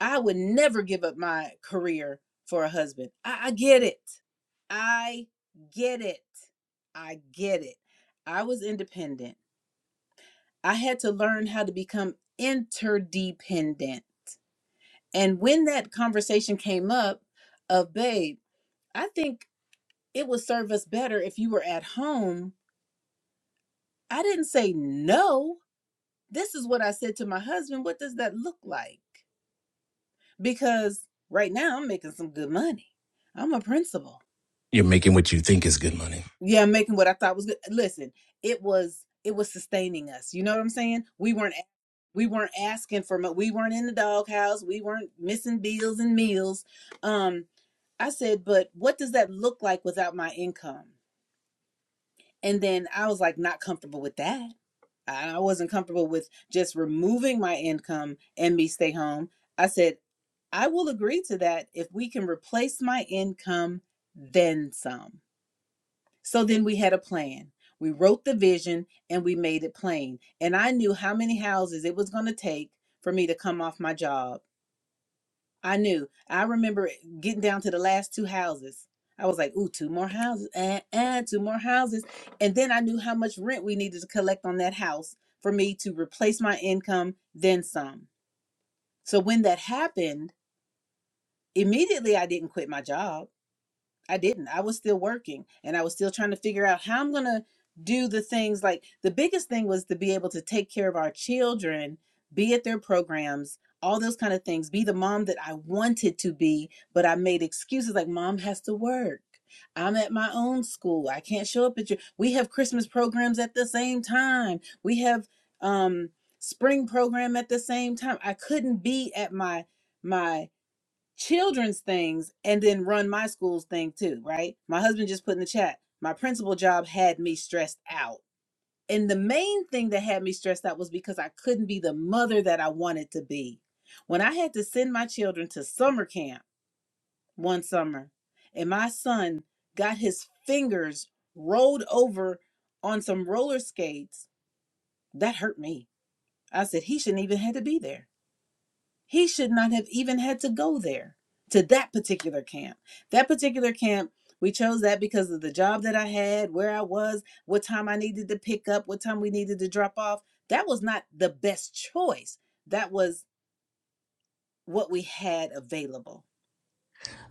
S1: I would never give up my career for a husband. I, I get it. I get it. I get it. I was independent. I had to learn how to become interdependent. And when that conversation came up of, babe, I think it would serve us better if you were at home, I didn't say no. This is what I said to my husband. What does that look like? Because right now I'm making some good money. I'm a principal.
S6: you're making what you think is good money.
S1: yeah making what i thought was good listen it was it was sustaining us you know what i'm saying we weren't we weren't asking for much we weren't in the doghouse we weren't missing bills and meals um i said but what does that look like without my income and then i was like not comfortable with that i I wasn't comfortable with just removing my income and me stay home i said i will agree to that if we can replace my income then some so then we had a plan. We wrote the vision and we made it plain. And I knew how many houses it was going to take for me to come off my job. I knew. I remember getting down to the last two houses. I was like, ooh, two more houses, and uh, uh, two more houses. And then I knew how much rent we needed to collect on that house for me to replace my income, then some. So when that happened, immediately I didn't quit my job. I didn't. I was still working and I was still trying to figure out how I'm going to do the things. Like the biggest thing was to be able to take care of our children, be at their programs, all those kind of things, be the mom that I wanted to be, but I made excuses like mom has to work. I'm at my own school. I can't show up at your. We have Christmas programs at the same time. We have um spring program at the same time. I couldn't be at my my children's things and then run my school's thing too, right? My husband just put in the chat, my principal job had me stressed out. And the main thing that had me stressed out was because I couldn't be the mother that I wanted to be. When I had to send my children to summer camp one summer, and my son got his fingers rolled over on some roller skates, that hurt me. I said, he shouldn't even had to be there he should not have even had to go there to that particular camp. That particular camp, we chose that because of the job that I had, where I was, what time I needed to pick up, what time we needed to drop off. That was not the best choice. That was what we had available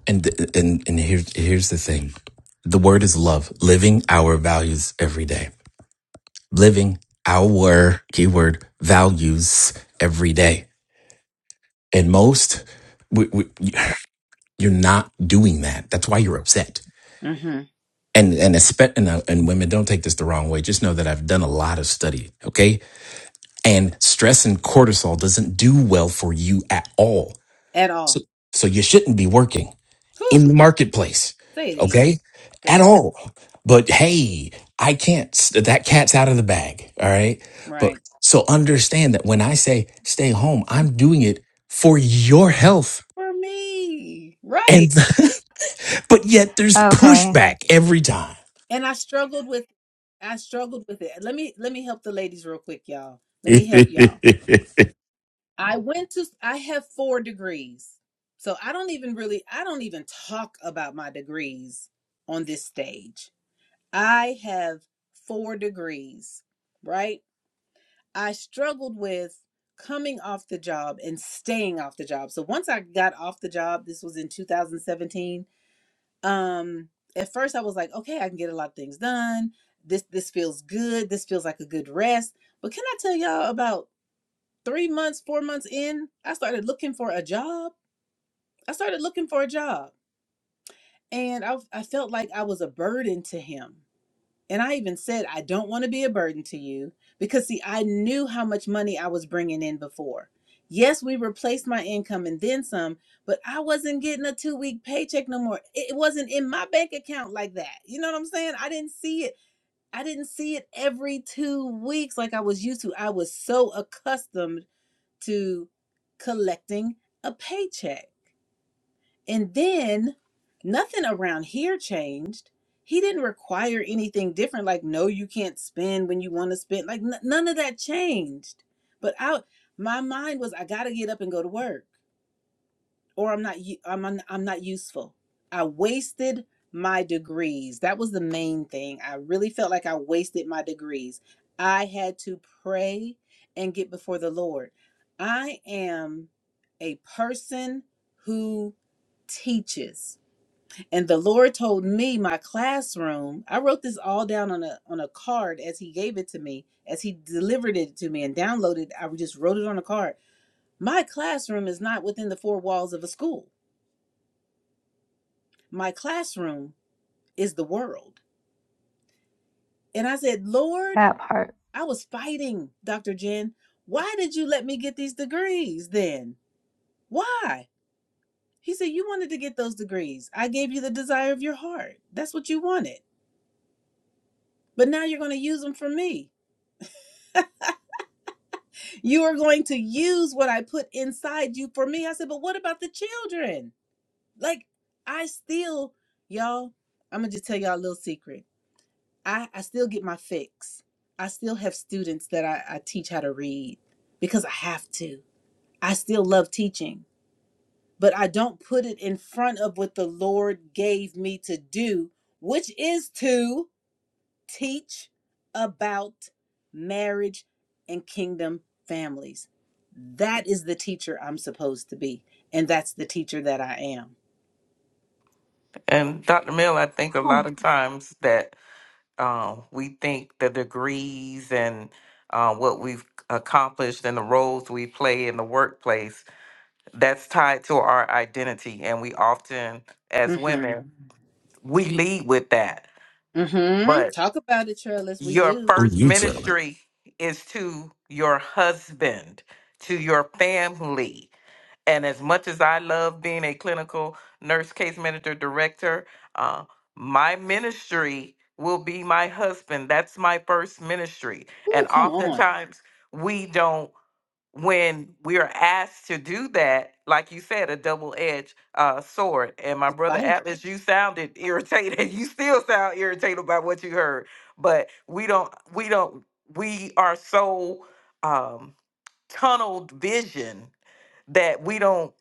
S6: And and and here's here's the thing. The word is love. Living our values every day. Living our keyword values every day. And most we, we, you're not doing that. That's why you're upset
S1: hmm
S6: and and espe- and, uh, and women don't take this the wrong way just know that i've done a lot of study okay and stress and cortisol doesn't do well for you at all
S1: at
S6: so
S1: all.
S6: so you shouldn't be working
S1: Whew.
S6: in the marketplace
S1: Say it again.
S6: okay
S1: Say
S6: at
S1: it again.
S6: all but hey i can't that cat's out of the bag all right but
S1: Right.
S6: so understand that when i say stay home i'm doing it for your health
S1: For me. Right.
S6: and but yet there's
S4: Okay,
S6: pushback every time
S1: And I struggled with I struggled with it. Let me let me help the ladies real quick, y'all. Let me help y'all I went to, I have four degrees. So I don't even really, I don't even talk about my degrees on this stage. I have four degrees, right? I struggled with coming off the job and staying off the job. So once I got off the job, this was in 2017. Um, at first I was like, okay, I can get a lot of things done. This this feels good. This feels like a good rest. But can I tell y'all about three months, four months in, I started looking for a job. I started looking for a job. And I, I felt like I was a burden to him. And I even said, I don't want to be a burden to you because, see, I knew how much money I was bringing in before. Yes, we replaced my income and then some, but I wasn't getting a two week paycheck no more. It wasn't in my bank account like that. You know what I'm saying? I didn't see it. I didn't see it every two weeks like I was used to. I was so accustomed to collecting a paycheck. And then nothing around here changed. He didn't require anything different, like, no, you can't spend when you want to spend. Like, n- none of that changed. But out, my mind was, I got to get up and go to work or I'm not u- I'm un- I'm not useful. I wasted my degrees. That was the main thing. I really felt like I wasted my degrees. I had to pray and get before the Lord. I am a person who teaches. And the Lord told me my classroom, I wrote this all down on a on a card as he gave it to me, as he delivered it to me and downloaded, I just wrote it on a card. My classroom is not within the four walls of a school My classroom is the world. And I said, Lord,
S4: that part.
S1: I was fighting, Dr. Jen. Why did you let me get these degrees then? Why? He said, You wanted to get those degrees. I gave you the desire of your heart. That's what you wanted. But now you're going to use them for me. You are going to use what I put inside you for me. I said, But what about the children? Like, I still, y'all, I'm going to just tell y'all a little secret. I, I still get my fix. I still have students that I, I teach how to read because I have to. I still love teaching, but I don't put it in front of what the Lord gave me to do, which is to teach about marriage and kingdom families. That is the teacher I'm supposed to be, and that's the teacher that I am.
S5: And Dr. Mill, I think a
S4: Oh.
S5: lot of times that um, we think the degrees and uh, what we've accomplished and the roles we play in the workplace, that's tied to our identity. And we often, as women,
S1: Mm-hmm.
S5: we lead with that.
S1: Mm-hmm.
S5: But
S1: Talk about it, Trellis. We
S5: your
S1: do.
S6: who
S5: first
S6: you telling
S5: ministry is to your husband, to your family. And as much as I love being a clinical nurse case manager director, uh, my ministry will be my husband. That's my first ministry.
S1: Ooh,
S5: And
S1: come on.
S5: oftentimes we don't, when we are asked to do that, like you said, a double edged uh, sword. And my brother Atlas, you sounded irritated. You still sound irritated by what you heard. But we don't, we don't, we are so um, tunneled vision that we don't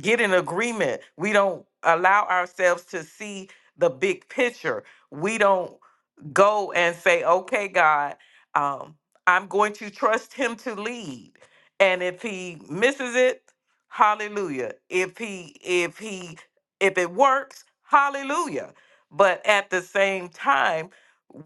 S5: get in agreement. We don't allow ourselves to see the big picture. We don't go and say, okay, God, um, I'm going to trust him to lead. And if he misses it, hallelujah. If he, if he, if it works, hallelujah. But at the same time,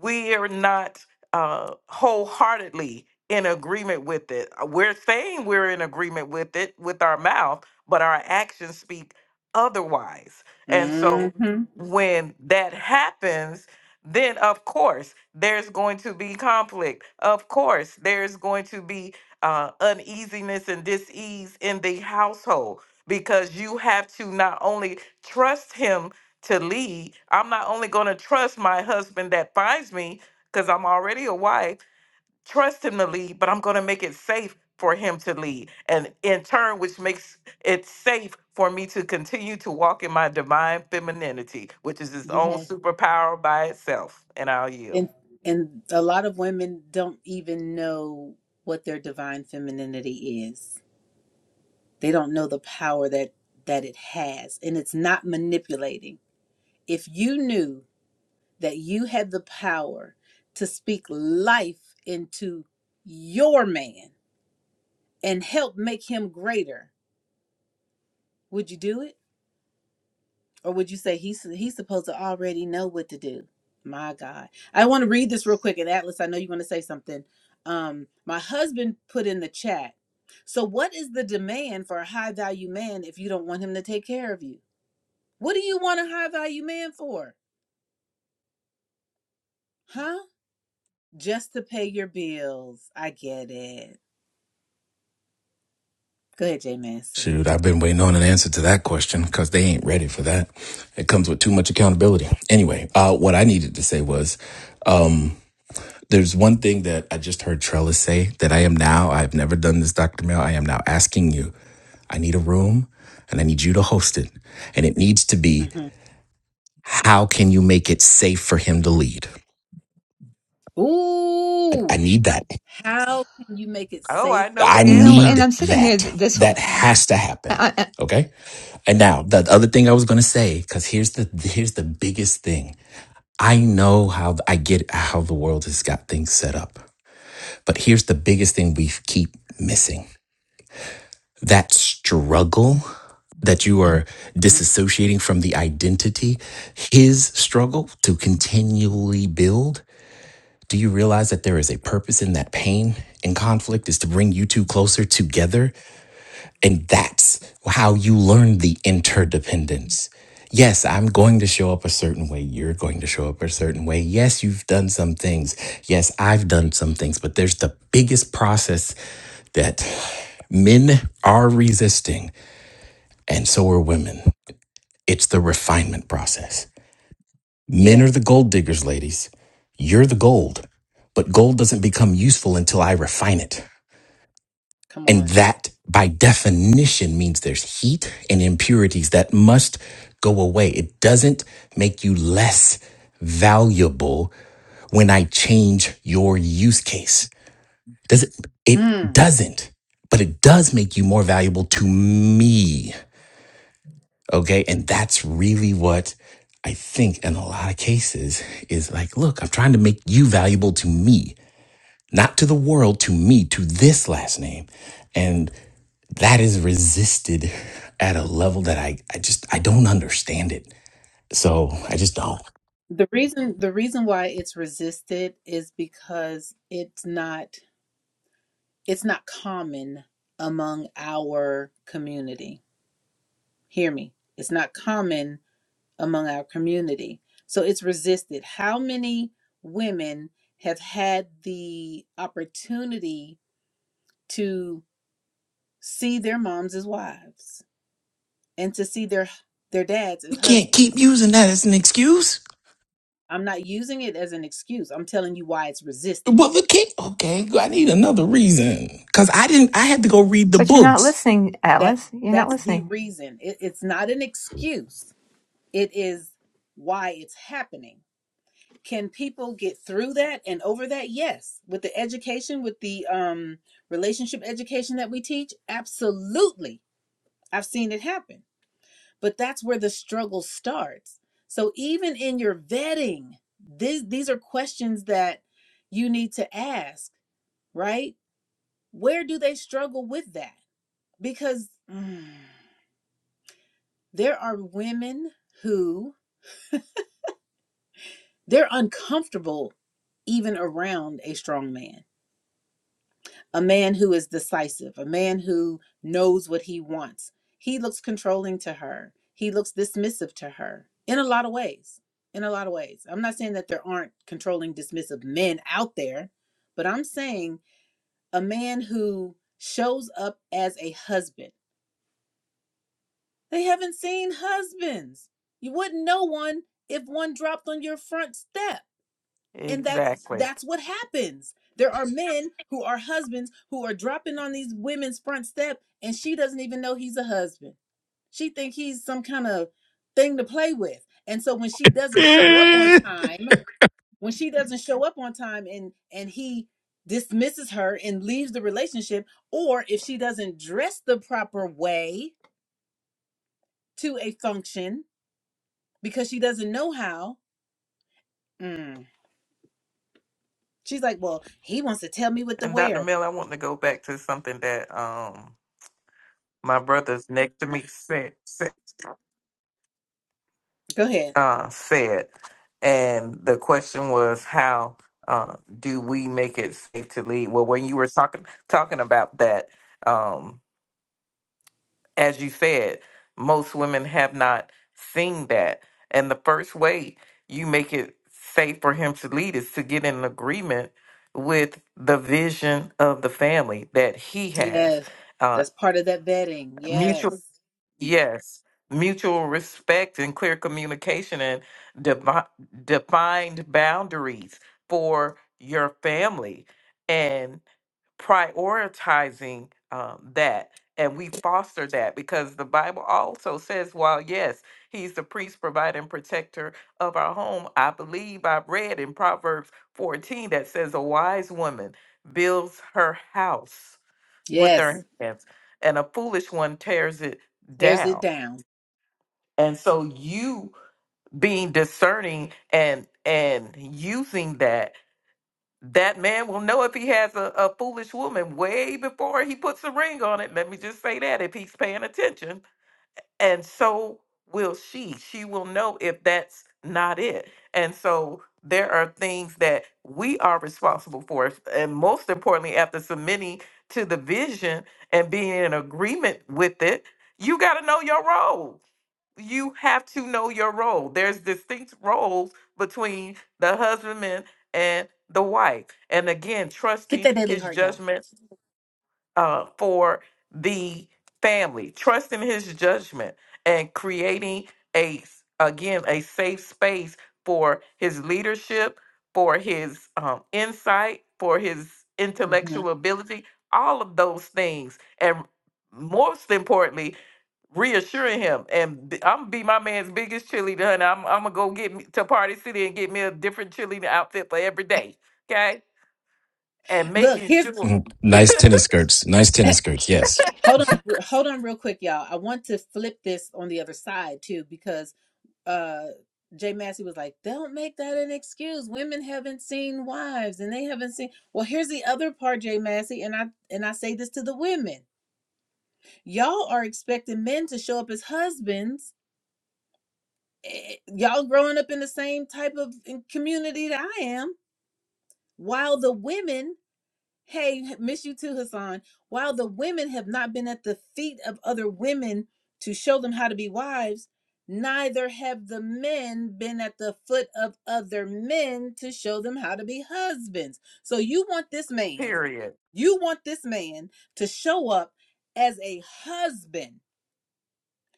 S5: we are not uh, wholeheartedly in agreement with it. Uh, We're saying we're in agreement with it with our mouth, but our actions speak otherwise. And so
S1: Mm-hmm.
S5: when that happens, then of course there's going to be conflict. Of course, there's going to be uh, uneasiness and dis-ease in the household because you have to not only trust him to lead, I'm not only going to trust my husband that finds me because I'm already a wife trust him to lead, but I'm going to make it safe for him to lead. And in turn, which makes it safe for me to continue to walk in my divine femininity, which is its own
S1: Yes.
S5: superpower by itself. And I'll yield.
S1: And and a lot of women don't even know what their divine femininity is. They don't know the power that that it has and it's not manipulating. If you knew that you had the power to speak life into your man and help make him greater, would you do it? Or would you say he's he's supposed to already know what to do? My God. I want to read this real quick. And Atlas, I know you want to say something. Um, my husband put in the chat. So what is the demand for a high value man if you don't want him to take care of you? What do you want a high value man for? Huh? Just to pay your bills. I get it. Go ahead, Jay Massey.
S6: Shoot, I've been waiting on an answer to that question because they ain't ready for that. It comes with too much accountability. Anyway, uh, what I needed to say was um, there's one thing that I just heard Trellis say that I am now, I've never done this, Dr. Mel. I am now asking you, I need a room and I need you to host it. And it needs to be,
S1: hmm
S6: how can you make it safe for him to lead? I
S1: Ooh.
S6: need that.
S1: How can you make it
S5: Oh,
S1: safe
S5: I know
S1: for
S6: I
S5: the
S4: You
S1: him?
S4: know,
S5: answer.
S4: and
S6: need
S4: I'm sitting here th-
S6: that.
S4: this whole.
S6: That has to happen.
S4: I,
S6: Okay. And
S1: I,
S6: now the other
S1: I
S6: thing I
S1: will.
S6: was going to say, because here's the here's the biggest thing. I know how I get how the world has got things set up, but here's the biggest thing we keep missing: that struggle that you are
S1: Mm,
S6: disassociating from the identity, his struggle to continually build. Do you realize that there is a purpose in that pain and conflict is to bring you two closer together? And that's how you learn the interdependence. Yes, I'm going to show up a certain way. You're going to show up a certain way. Yes, you've done some things. Yes, I've done some things, but there's the biggest process that men are resisting, and so are women. It's the refinement process. Men
S1: Yeah.
S6: are the gold diggers, ladies. You're the gold, but gold doesn't become useful until I refine it.
S1: Come
S6: And
S1: on.
S6: that by definition means there's heat and impurities that must go away. It doesn't make you less valuable when I change your use case. Does it? It
S1: Hmm.
S6: doesn't, but it does make you more valuable to me. Okay. And that's really what I think in a lot of cases is like, look, I'm trying to make you valuable to me not to the world, to me, to this last name. And that is resisted at a level that I, I just I don't understand it. So I just don't.
S1: The reason the reason why it's resisted is because it's not it's not common among our community. Hear me. It's not common among our community. So it's resisted. How many women have had the opportunity to see their moms as wives and to see their their dads
S6: We
S1: as
S6: can't keep
S1: husbands?
S6: using that as an excuse.
S1: I'm not using it as an excuse. I'm telling you why it's resisted
S6: But the king, okay, I need another reason because I didn't. I had to go read the
S4: But you're not
S6: books.
S4: listening,
S1: that
S4: Atlas. You're not
S1: that's the
S4: listening.
S1: reason it, it's not an excuse it is why it's happening can people get through that and over that yes with the education with the um relationship education that we teach absolutely i've seen it happen but that's where the struggle starts so even in your vetting these these are questions that you need to ask right where do they struggle with that because Mm, There are women who they're uncomfortable even around a strong man, a man who is decisive, a man who knows what he wants. He looks controlling to her, he looks dismissive to her in a lot of ways. In a lot of ways. I'm not saying that there aren't controlling, dismissive men out there, but I'm saying a man who shows up as a husband. They haven't seen husbands. You wouldn't know one if one dropped on your front step and that
S5: Exactly.
S1: that's what happens there are men who are husbands who are dropping on these women's front step and she doesn't even know he's a husband she think he's some kind of thing to play with and so when she doesn't show up on time when she doesn't show up on time and and he dismisses her and leaves the relationship or if she doesn't dress the proper way to a function because she doesn't know how mm, she's like well he wants to tell me what to
S5: And Dr.
S1: wear
S5: Mill, I want to go back to something that um my brother's next to me said.
S1: go ahead
S5: uh, said, and the question was how uh, do we make it safe to lead? Well, when you were talking talking about that, um, as you said, most women have not seen that, and the first way you make it safe for him to lead is to get in agreement with the vision of the family that he has.
S1: Yes.
S5: Uh,
S1: That's part of that vetting.
S5: mutual
S1: Yes.
S5: Yes, mutual respect and clear communication and devi- defined boundaries for your family and prioritizing um, that. And we foster that because the Bible also says, while yes, he's the priest, provider, and protector of our home, I believe I've read in Proverbs 14 that says, A wise woman builds her house with
S1: Yes.
S5: her hands, and a foolish one tears it
S1: Tears it
S5: down.
S1: down.
S5: And so you being discerning and and using that, that man will know if he has a, a foolish woman way before he puts a ring on it. Let me just say that if he's paying attention. And so will she. She will know if that's not it. And so there are things that we are responsible for. And most importantly, after submitting to the vision and being in agreement with it, you got to know your role you have to know your role. There's distinct roles between the husbandman and the wife. And again,
S1: Get
S5: trusting
S1: that daily
S5: his
S1: heart, y'all.
S5: judgment uh, for the family, trusting his judgment and creating a s- again a safe space for his leadership, for his um, insight, for his
S1: hmm
S5: intellectual ability, all of those things. And most importantly, reassuring him. And b- I'm be my man's biggest cheerleader, honey. I'm, I'm gonna go get me to Party City and get me a different cheerleader outfit for every day, okay? And
S1: Look,
S5: making
S1: here's
S5: sure,
S6: Mhm. Nice tennis skirts. Nice tennis skirts. Yes.
S1: hold on hold on real quick, y'all. I want to flip this on the other side too, because uh Jay Massey was like, Don't make that an excuse. Women haven't seen wives and they haven't seen well here's the other part, Jay Massey, and I and I say this to the women. Y'all are expecting men to show up as husbands. Eh, eh, Y'all growing up in the same type of eh, community that I am while the women hey miss you too hassan while the women have not been at the feet of other women to show them how to be wives neither have the men been at the foot of other men to show them how to be husbands so you want this man
S5: period.
S1: you want this man to show up as a husband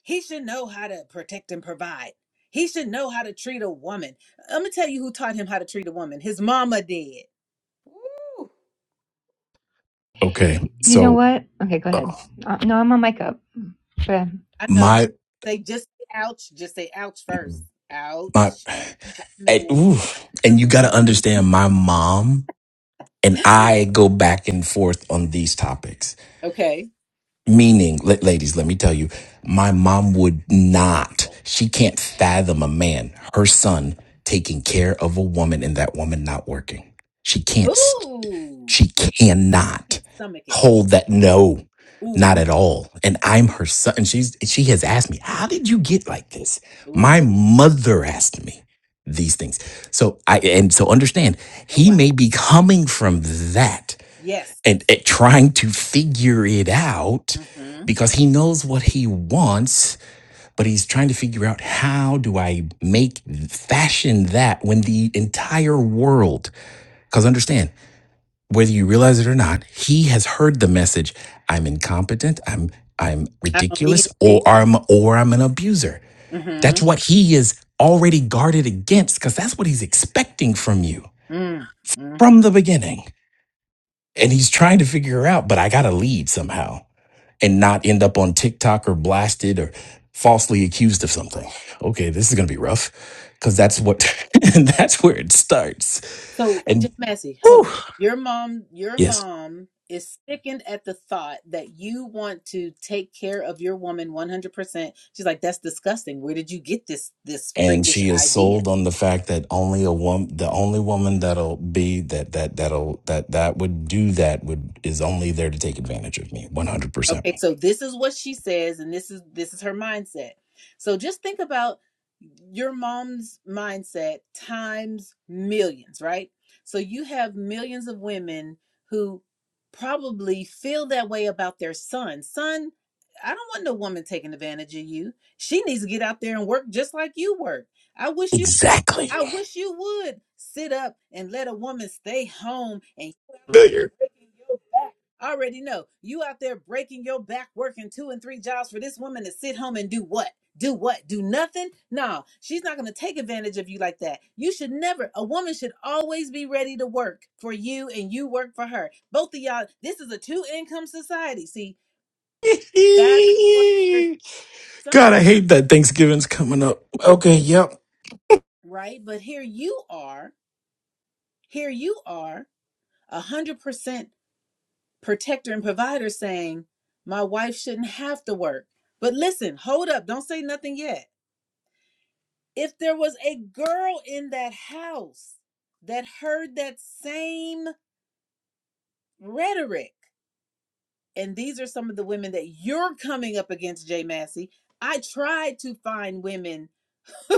S1: he should know how to protect and provide he should know how to treat a woman i'm gonna tell you who taught him how to treat a woman his mama did
S5: Woo!
S6: Okay.
S4: You know
S6: So
S4: what? Okay, go
S6: uh,
S4: ahead. Uh, no, I'm on mic up. Go ahead.
S1: I know.
S6: my
S1: Say just say ouch. Just say ouch first.
S6: my.
S1: Ouch. For the
S6: And,
S1: men.
S6: ooh,
S1: For
S6: and you got to
S1: the men.
S6: understand my mom and I go back and forth on these topics.
S1: Okay.
S6: Meaning, la- ladies, let me tell you, my mom would not, she can't fathom a man, her son, taking care of a woman and that woman not working. She can't.
S1: Ooh.
S6: She
S1: She can't think, She
S6: cannot
S1: can't stomach it.
S6: hold that no,
S1: Ooh.
S6: not at all. And I'm her son. And she's she has asked me, how did you get like this?
S1: Ooh.
S6: My mother asked me these things. So I and so understand
S1: Oh
S6: he
S1: wow.
S6: may be coming from that
S1: Yes.
S6: and, and trying to figure it out
S1: Mm-hmm.
S6: because he knows what he wants, but he's trying to figure out how do I make fashion that when the entire world, because understand whether you realize it or not, he has heard the message, I'm incompetent, I'm I'm
S1: I don't need
S6: ridiculous,
S1: a
S6: or I'm or I'm an abuser. That's
S1: man.
S6: what he is already guarded against, because that's what he's expecting from you
S1: Mm-hmm. Mm. Mm.
S6: from the beginning. And he's trying to figure out, but I gotta lead somehow and not end up on TikTok or blasted or falsely accused of something. Okay, this is gonna be rough. Cause that's what that's where it starts.
S1: So
S6: And
S1: just messy, hold on.
S6: whew,
S1: Your mom, your
S6: yes.
S1: mom is sickened at the thought that you want to take care of your woman 100%. She's like, that's disgusting. Where did you get this this
S6: and
S1: freakish
S6: she is
S1: idea?
S6: sold on the fact that only a woman the only woman that'll be that that that'll that that would do that would is only there to take advantage of me
S1: Okay,
S6: 100%
S1: so this is what she says, and this is this is her mindset. So just think about your mom's mindset times millions, right? So you have millions of women who probably feel that way about their son. Son, I don't want no woman taking advantage of you. She needs to get out there and work just like you work. I wish you would.
S6: exactly
S1: I wish you would sit up and let a woman stay home and you out there
S6: Familiar.
S1: breaking your back. I already know you out there breaking your back working two and three jobs for this woman to sit home and do what? Do what? Do nothing? No, she's not going to take advantage of you like that. You should never, a woman should always be ready to work for you and you work for her. Both of y'all, this is a two income society. See, that's what your
S6: god
S1: son,
S6: i hate that thanksgiving's coming up okay yep
S1: right? But here you are, here you are, a 100% protector and provider saying, my wife shouldn't have to work. But listen, hold up. Don't say nothing yet If there was a girl in that house that heard that same rhetoric, and these are some of the women that you're coming up against, Jay Massey. I tried to find women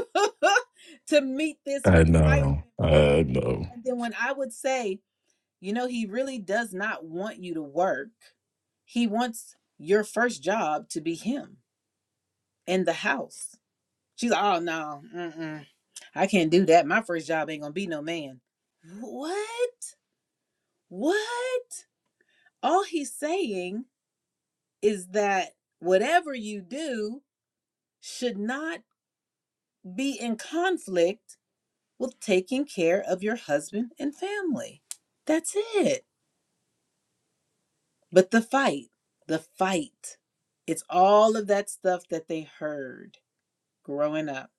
S1: to meet this
S6: I
S1: requirement
S6: know.
S1: for you.
S6: I know.
S1: And then when I would say, you know, he really does not want you to work, he wants your first job to be him in the house. She's, like, oh, no, mm-mm. I can't do that. My first job ain't gonna be no man. What? What? All he's saying is that whatever you do should not be in conflict with taking care of your husband and family. That's it. But the fight, the fight, it's all of that stuff that they heard growing up.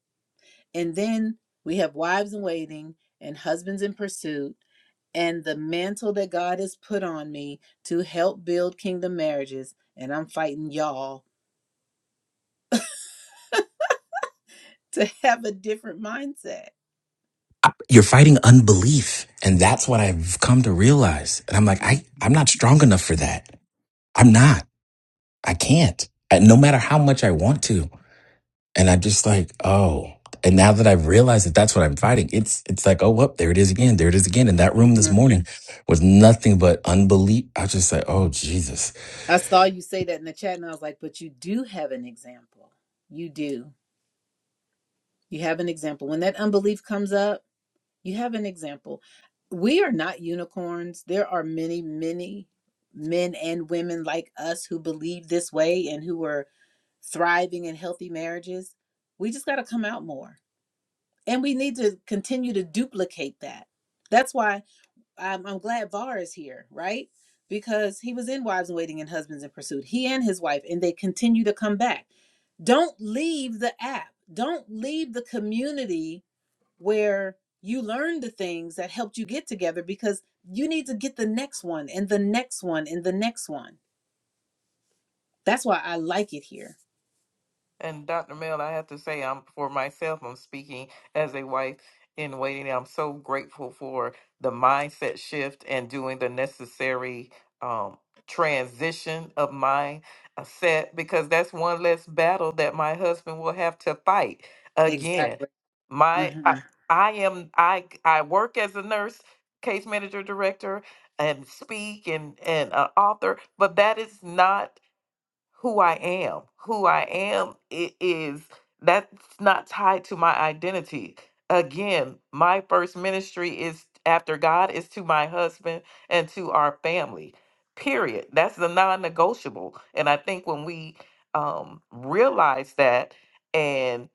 S1: And then we have wives in waiting and husbands in pursuit and the mantle that God has put on me to help build kingdom marriages. And I'm fighting y'all to have a different mindset.
S6: I- You're fighting unbelief. And that's what I've come to realize. And I'm like,
S1: Yeah.
S6: I, I'm not strong enough for that. I'm not. I can't. I, no matter how much I want to. And I'm just like, oh. And now that I've realized that that's what I'm fighting, it's it's like, oh, whoop, there it is again. There it is again. In that room this
S1: hmm
S6: morning was nothing but unbelief. I was just like, oh, Jesus.
S1: I saw you say that in the chat, and I was like, but you do have an example. You do. You have an example. When that unbelief comes up, you have an example. We are not unicorns. There are many, many men and women like us who believe this way and who are thriving in healthy marriages. We just got to come out more and we need to continue to duplicate that that's why i'm, I'm glad var is here right because he was in wives in waiting and husbands in pursuit he and his wife and they continue to come back don't leave the app don't leave the community where you learn the things that helped you get together because you need to get the next one and the next one and the next one that's why i like it here
S5: And Dr. Mel, I have to say, I'm for myself, I'm speaking as a wife in waiting. I'm so grateful for the mindset shift and doing the necessary um, transition of my uh, set because that's one less battle that my husband will have to fight again.
S1: exactly
S5: My, I,
S1: Mhm.
S5: I am, I, I work as a nurse, case manager, director, and speak and and uh, author, but that is not who I am. Who I am i- is that's not tied to my identity. Again, my first ministry is after God is to my husband and to our family. Period. That's the non-negotiable. And I think when we um realize that and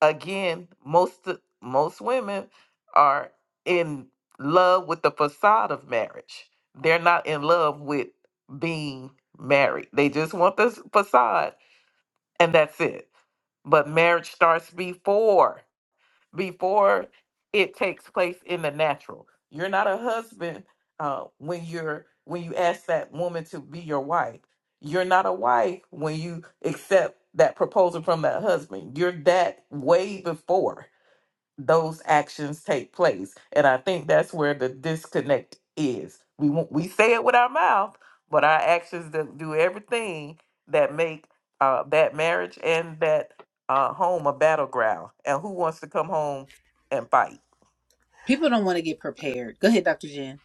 S5: again, most uh, most women are in love with the facade of marriage. They're not in love with being married. They just want this facade and that's it. But marriage starts before before it takes place in the natural. You're not a husband uh, when you're when you ask that woman to be your wife. You're not a wife when you accept that proposal from that husband. You're that way before those actions take place. And I think that's where the disconnect is. We won't, we say it with our mouth, but our actions do do everything that make uh, that marriage and that uh, home a battleground. And who wants to come home and fight?
S1: people don't want to get prepared go ahead dr jen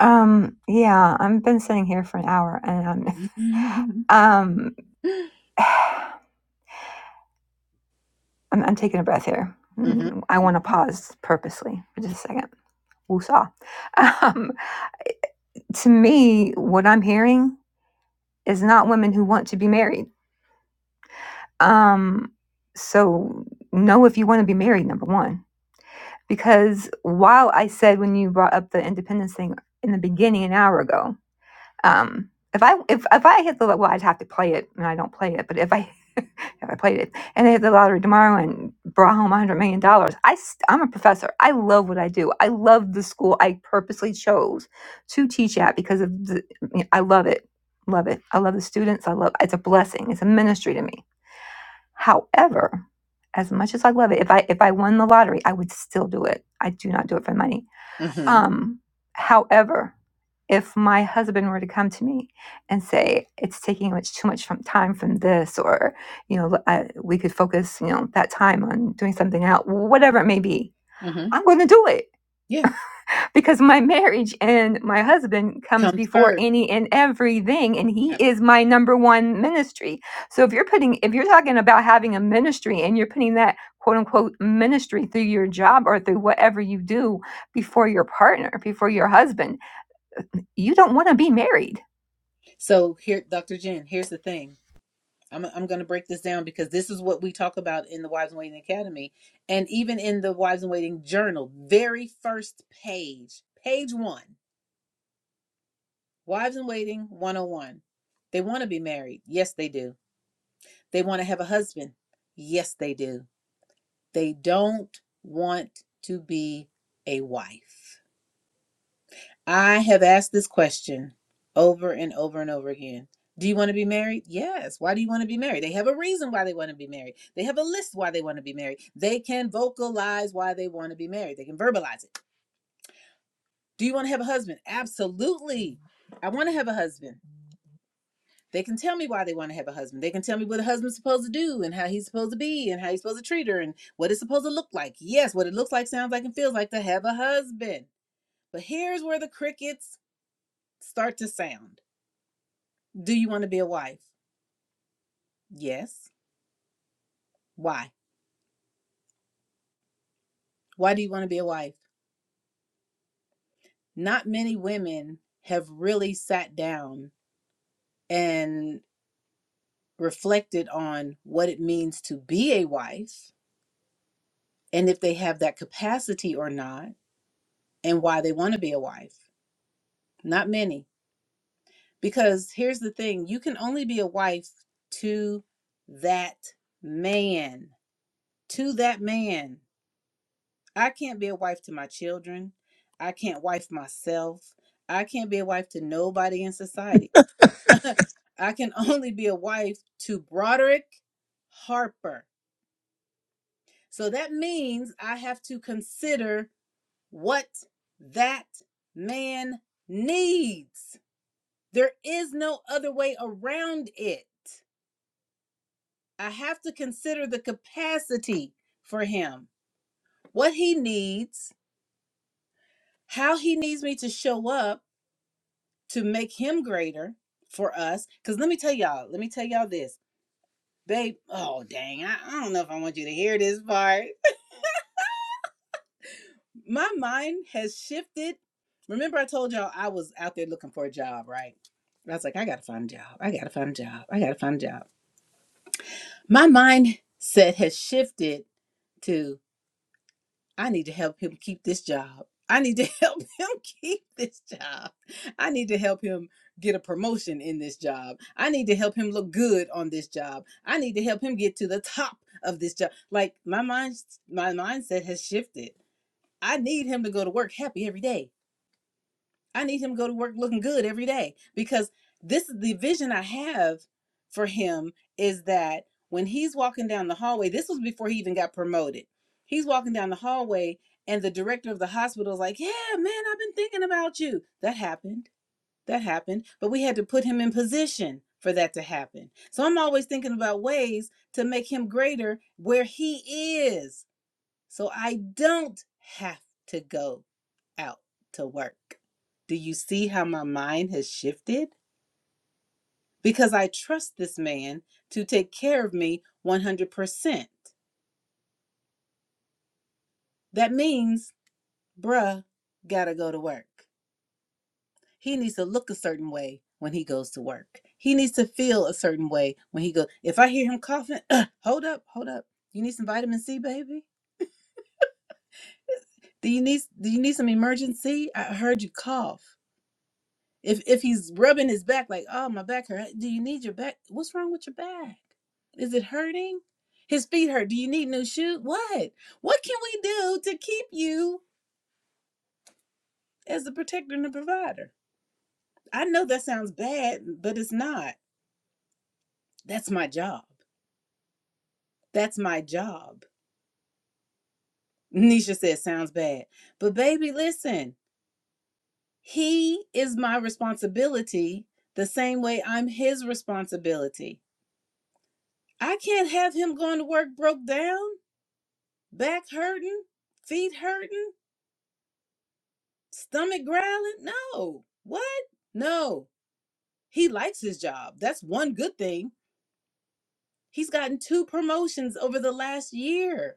S4: Um, yeah, I've been sitting here for an hour and I'm
S1: hmm
S4: um I'm, I'm taking a breath here. Mm, I want to
S1: hmm
S4: pause purposely for just a second. Woosah. Um, to me, what I'm hearing is not women who want to be married. Um, so know if you want to be married, number one. because while I said when you brought up the independence thing in the beginning an hour ago, um, if I if if I hit the lo- well, I'd have to play it, and I don't play it. But if I if I played it and I hit the lottery tomorrow and brought home a hundred million dollars, I st- I'm a professor. I love what I do. I love the school I purposely chose to teach at because of the I love it, love it. I love the students. I love it's a blessing. It's a ministry to me However, as much as I love it, if I if I won the lottery, I would still do it. I do not do it for money.
S1: Mm-hmm.
S4: Um, however, if my husband were to come to me and say it's taking much too much from time from this, or you know, I, we could focus you know that time on doing something else, whatever it may be,
S1: Mm-hmm.
S4: I'm going to do it
S1: Yeah.
S4: because my marriage and my husband comes
S1: Comes
S4: before
S1: first.
S4: any and everything and he is my number one ministry so if you're putting if you're talking about having a ministry and you're putting that quote unquote ministry through your job or through whatever you do before your partner before your husband you don't want to be married
S1: So here, Dr. Jen, here's the thing. I'm I'm going to break this down because this is what we talk about in the Wives and Waiting Academy, and even in the Wives and Waiting Journal, very first page, page one, Wives and Waiting 101. They want to be married. Yes, they do. They want to have a husband. Yes, they do. They don't want to be a wife. I have asked this question over and over and over again. Do you want to be married? Yes. Why do you want to be married? They have a reason why they want to be married. They have a list why they want to be married. They can vocalize why they want to be married. They can verbalize it. Do you want to have a husband? Absolutely. I want to have a husband. They can tell me why they want to have a husband. They can tell me what a husband's supposed to do and how he's supposed to be and how he's supposed to treat her and what it's supposed to look like. Yes, what it looks like, sounds like, and feels like to have a husband. But here's where the crickets start to sound Do you want to be a wife? Yes. Why? Why do you want to be a wife? Not many women have really sat down and reflected on what it means to be a wife and if they have that capacity or not and why they want to be a wife. Not many. Because here's the thing you can only be a wife to that man, to that man. I can't be a wife to my children. I can't wife myself. I can't be a wife to nobody in society. I can only be a wife to Broderick Harper. So that means I have to consider what that man needs. There is no other way around it. I have to consider the capacity for him, what he needs, how he needs me to show up to make him greater for us. Because let me tell y'all, let me tell y'all this. Babe, oh dang, I, I don't know if I want you to hear this part. My mind has shifted. Remember, I told y'all I was out there looking for a job, right? And I was like, I gotta find a job. I gotta find a job. I gotta find a job. My mindset has shifted to. I need to help him keep this job. I need to help him keep this job. I need to help him get a promotion in this job. I need to help him look good on this job. I need to help him get to the top of this job. Like my mind my mindset has shifted. I need him to go to work happy every day. I need him to go to work looking good every day because this is the vision I have for him is that when he's walking down the hallway, this was before he even got promoted. He's walking down the hallway and the director of the hospital is like, "Yeah, man, I've been thinking about you." That happened. That happened, but we had to put him in position for that to happen. So I'm always thinking about ways to make him greater where he is so I don't have to go out to work. Do you see how my mind has shifted? Because I trust this man to take care of me 100%. That means, bruh, gotta go to work. He needs to look a certain way when he goes to work. He needs to feel a certain way when he goes. If I hear him coughing, uh, hold up, hold up. You need some vitamin C, baby? Do you need do you need some emergency? I heard you cough. If if he's rubbing his back like, oh my back hurt. Do you need your back? What's wrong with your back? Is it hurting? His feet hurt. Do you need new shoes? What? What can we do to keep you as the protector and the provider? I know that sounds bad, but it's not. That's my job. That's my job. Nisha said, sounds bad. But baby, listen, he is my responsibility the same way I'm his responsibility. I can't have him going to work broke down. back hurting, feet hurting, stomach growling. No. What? No. He likes his job. That's one good thing. He's gotten two promotions over the last year.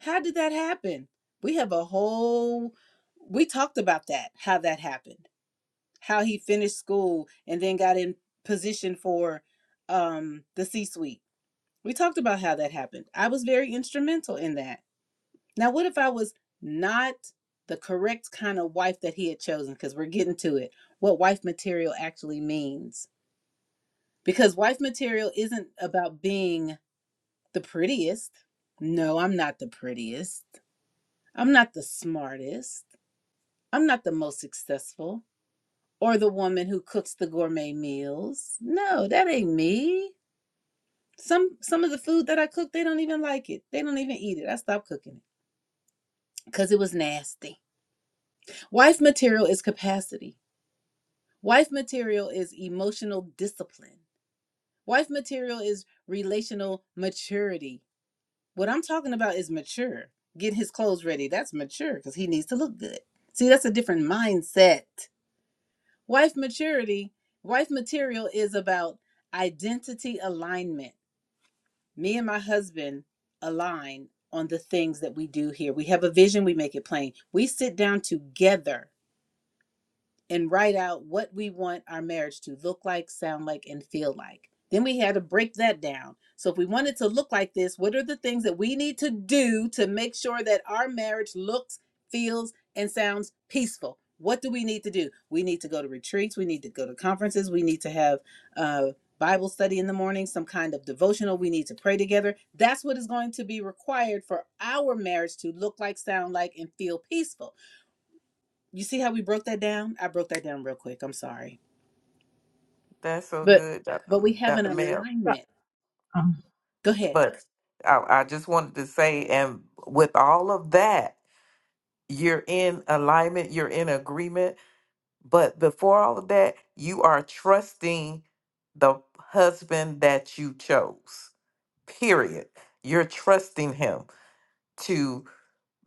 S1: How did that happen? We have a whole we talked about that, how that happened. How he finished school and then got in position for um the C-suite. We talked about how that happened. I was very instrumental in that Now, what if I was not the correct kind of wife that he had chosen? Because we're getting to it, what wife material actually means. Because wife material isn't about being the prettiest. No, I'm not the prettiest. I'm not the smartest. I'm not the most successful or the woman who cooks the gourmet meals. No, that ain't me. Some some of the food that I cook, they don't even like it. They don't even eat it. I stopped cooking it because it was nasty. Wife material is capacity. Wife material is emotional discipline. Wife material is relational maturity. What I'm talking about is mature. Get his clothes ready. That's mature because he needs to look good. See, that's a different mindset. Wife maturity, wife material is about identity alignment. Me and my husband align on the things that we do here. We have a vision, we make it plain. We sit down together and write out what we want our marriage to look like, sound like, and feel like. Then we had to break that down. So, if we want it to look like this, what are the things that we need to do to make sure that our marriage looks, feels, and sounds peaceful? What do we need to do? We need to go to retreats. We need to go to conferences. We need to have uh, Bible study in the morning, some kind of devotional. We need to pray together. That's what is going to be required for our marriage to look like, sound like, and feel peaceful. You see how we broke that down? I broke that down real quick. I'm sorry.
S5: That's so
S1: But
S5: good, Dr.
S1: but
S5: M-
S1: we have an
S5: Dr.
S7: Miss
S5: Mel.
S7: Scott.
S1: alignment.
S7: Oh,
S1: Go ahead.
S5: But I, I just wanted to say, and with all of that, you're in alignment, you're in agreement But before all of that, you are trusting the husband that you chose. Period. You're trusting him to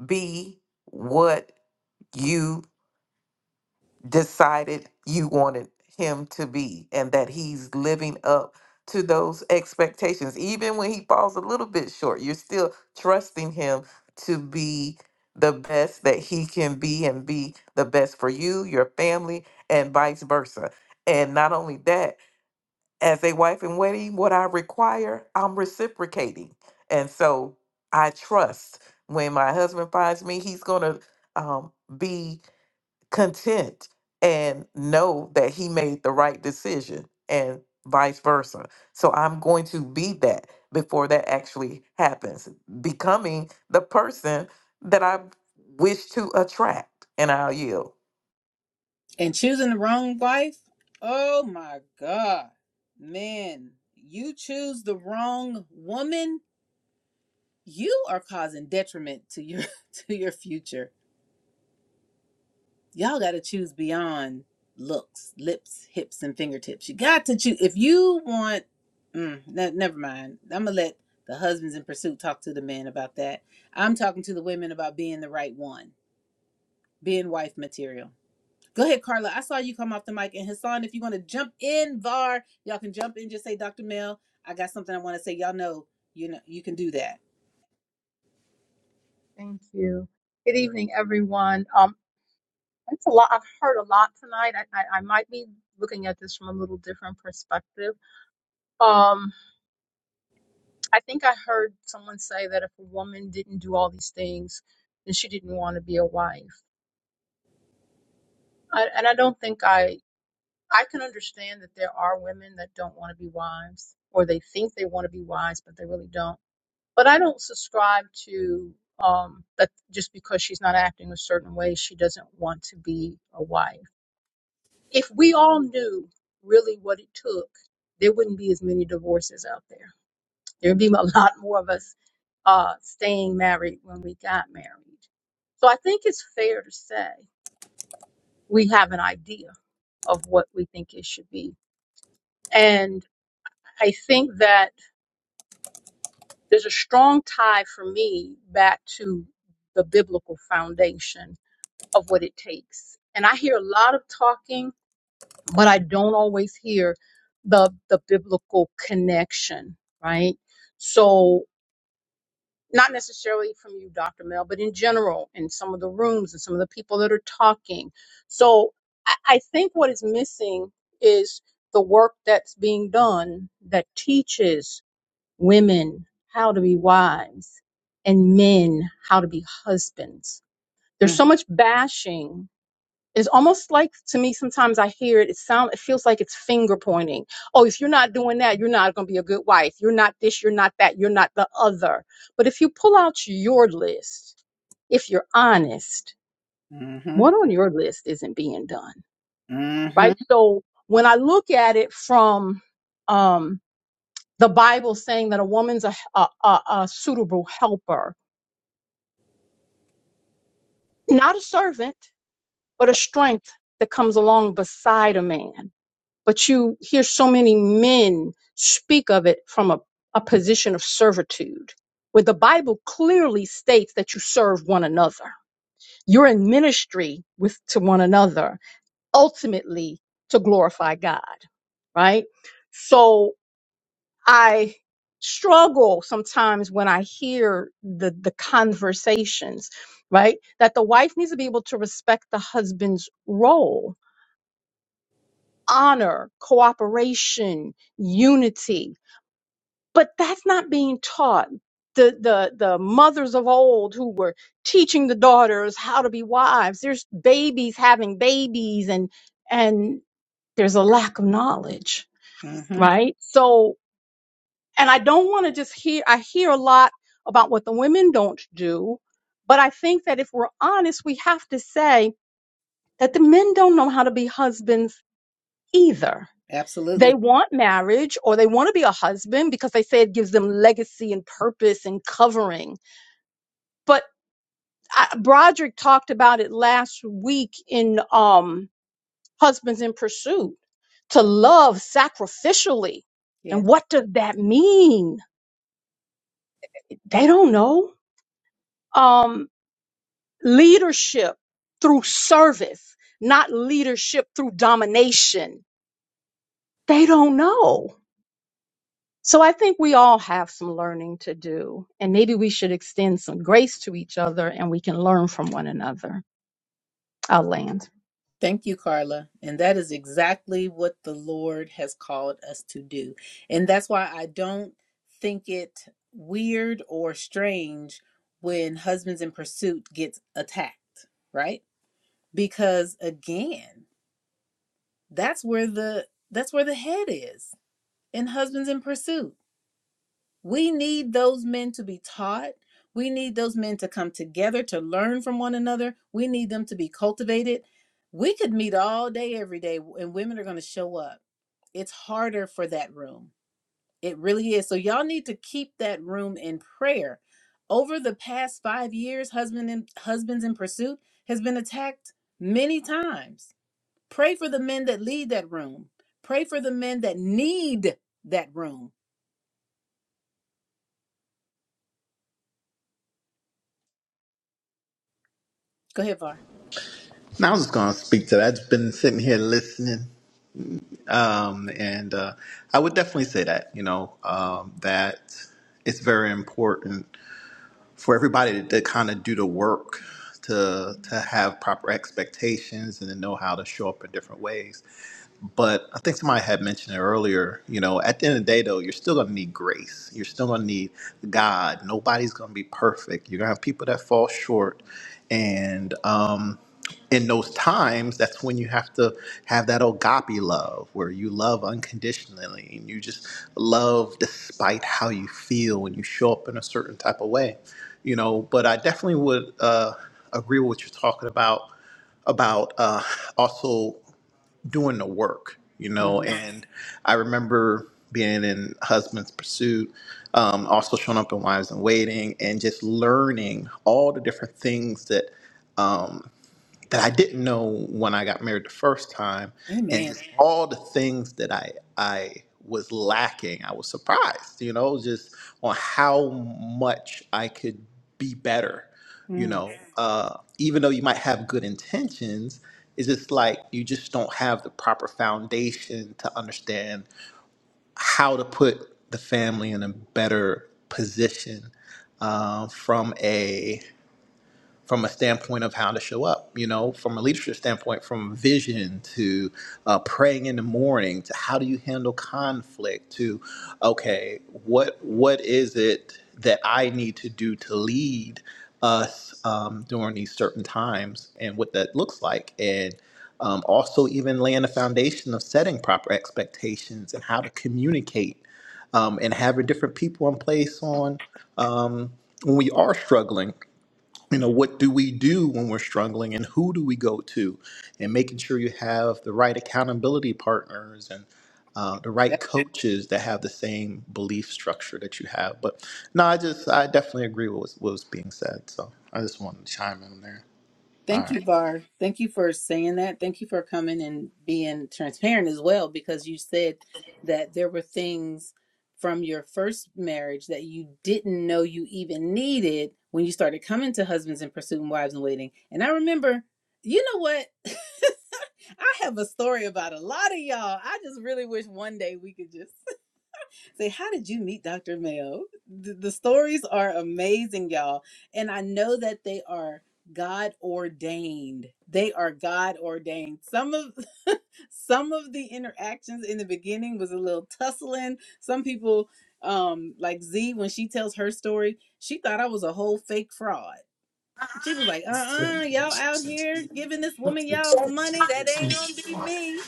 S5: be what you decided you wanted him to be and that he's living up to those expectations. Even when he falls a little bit short, you're still trusting him to be the best that he can be and be the best for you, your family, and vice versa. And not only that, as a wife in waiting, what I require, I'm reciprocating. And so I trust when my husband finds me, he's going to um, be content and know that he made the right decision and vice versa. So I'm going to be that before that actually happens, becoming the person that I wish to attract. And I'll yield.
S1: And choosing the wrong wife? Oh my god. Man, you choose the wrong woman, you are causing detriment to your to your future y'all got to choose beyond looks, lips, hips, and fingertips. You got to choose. If you want, mm, ne- never mind. I'm going to let the husbands in pursuit talk to the men about that. I'm talking to the women about being the right one, being wife material. Go ahead, Carla. I saw you come off the mic. And Hassan, if you want to jump in, VAR, y'all can jump in. Just say, Dr. Mel, I got something I want to say. Y'all know, you know, you can do that.
S7: Thank you. Good evening, everyone. Um, it's a lot. I've heard a lot tonight. I, I, I might be looking at this from a little different perspective. Um, I think I heard someone say that if a woman didn't do all these things, then she didn't want to be a wife. I, and I don't think I. I can understand that there are women that don't want to be wives, or they think they want to be wives, but they really don't But I don't subscribe to um, that just because she's not acting a certain way, she doesn't want to be a wife. If we all knew really what it took, there wouldn't be as many divorces out there. There'd be a lot more of us uh, staying married when we got married. So I think it's fair to say we have an idea of what we think it should be. And I think that there's a strong tie for me back to the biblical foundation of what it takes. And I hear a lot of talking, but I don't always hear the the biblical connection, right? So not necessarily from you, Dr. Mel, but in general, in some of the rooms and some of the people that are talking. So I, I think what is missing is the work that's being done that teaches women how to be wives and men how to be husbands. There's
S1: Mm-hmm.
S7: so much bashing it's almost like to me sometimes I hear it, it sound it feels like it's finger pointing. Oh, if you're not doing that, you're not gonna be a good wife. You're not this, you're not that, you're not the other. But if you pull out your list, if you're honest,
S1: Mm-hmm.
S7: what on your list isn't being done?
S1: Mm-hmm.
S7: Right? So when I look at it from um the Bible saying that a woman's a, a, a, a suitable helper, not a servant, but a
S1: Right.
S7: strength that comes along beside a man but you hear so many men speak of it from a, a position of servitude, where the Bible clearly states that you serve one another. You're in ministry with to one another, ultimately to glorify God, right? So I struggle sometimes when I hear the the conversations, right? That the wife needs to be able to respect the husband's role, honor, cooperation, unity but that's not being taught the the the mothers of old who were teaching the daughters how to be wives there's babies having babies and and there's a lack of knowledge
S1: Mm-hmm.
S7: right so and i don't want to just hear i hear a lot about what the women don't do but i think that if we're honest we have to say that the men don't know how to be husbands either they
S1: Absolutely.
S7: want marriage or they want to be a husband because they say it gives them legacy and purpose and covering. But I, Broderick talked about it last week in um, Husbands in Pursuit to love sacrificially.
S1: Yeah.
S7: And what does that mean? They don't know. Um, leadership through service, not leadership through domination. They don't know So I think we all have some learning to do, and maybe we should extend some grace to each other and we can learn from one another. I'll land.
S1: Thank you, Carla. And that is exactly what the Lord has called us to do. And that's why I don't think it weird or strange when Husbands in Pursuit gets attacked, right? Because again, that's where the that's where the head is in Husbands in Pursuit. We need those men to be taught. We need those men to come together to learn from one another. We need them to be cultivated. We could meet all day, every day, and women are going to show up. It's harder for that room. It really is. So, y'all need to keep that room in prayer. Over the past five years, husband and, Husbands in Pursuit has been attacked many times. Pray for the men that lead that room. Pray for the men that need that room. Go ahead, Var.
S8: I was just going to speak to that. I've been sitting here listening, um, and uh, I would definitely say that you know um, that it's very important for everybody to, to kind of do the work to to have proper expectations and to know how to show up in different ways. But I think somebody had mentioned it earlier. You know, at the end of the day, though, you're still going to need grace. You're still going to need God. Nobody's going to be perfect. You're going to have people that fall short. And um, in those times, that's when you have to have that agape love where you love unconditionally and you just love despite how you feel when you show up in a certain type of way. You know, but I definitely would uh, agree with what you're talking about, about uh, also doing the work, you know.
S1: Mhm.
S8: And I remember being in Husband's Pursuit, um, also showing up in Wives and Waiting, and just learning all the different things that. um, that I didn't know when I got married the first time, and
S1: Amen.
S8: just all the things that I I was lacking. I was surprised, you know, just on how much I could be better, you
S1: Mm.
S8: know. Uh, even though you might have good intentions, it's just like you just don't have the proper foundation to understand how to put the family in a better position um, from a from a standpoint of how to show up, you know, from a leadership standpoint, from vision to uh, praying in the morning to how do you handle conflict to, okay, what what is it that I need to do to lead us um, during these certain times and what that looks like and um, also even laying the foundation of setting proper expectations and how to communicate um, and having different people in place on um, when we are struggling you know what do we do when we're struggling and who do we go to and making sure you have the right accountability partners and uh, the right
S1: That-
S8: coaches that have the same belief structure that you have but no i just i definitely agree with what was what was being said so i just wanted to chime in there all
S1: Thank you,
S8: right
S1: Var. Thank you for saying that. Thank you for coming and being transparent as well, because you said that there were things from your first marriage that you didn't know you even needed when you started coming to husbands and pursuing wives and waiting. And I remember, you know what? I have a story about a lot of y'all. I just really wish one day we could just Say, how did you meet Dr. Mayo? The, the stories are amazing, y'all. And I know that they are God ordained. They are God ordained. Some of some of the interactions in the beginning was a little tussling. Some people, um, like Z, when she tells her story, she thought I was a whole fake fraud. She was like, uh uh-uh, uh, you all out here giving this woman y'all's money. That ain't gonna be me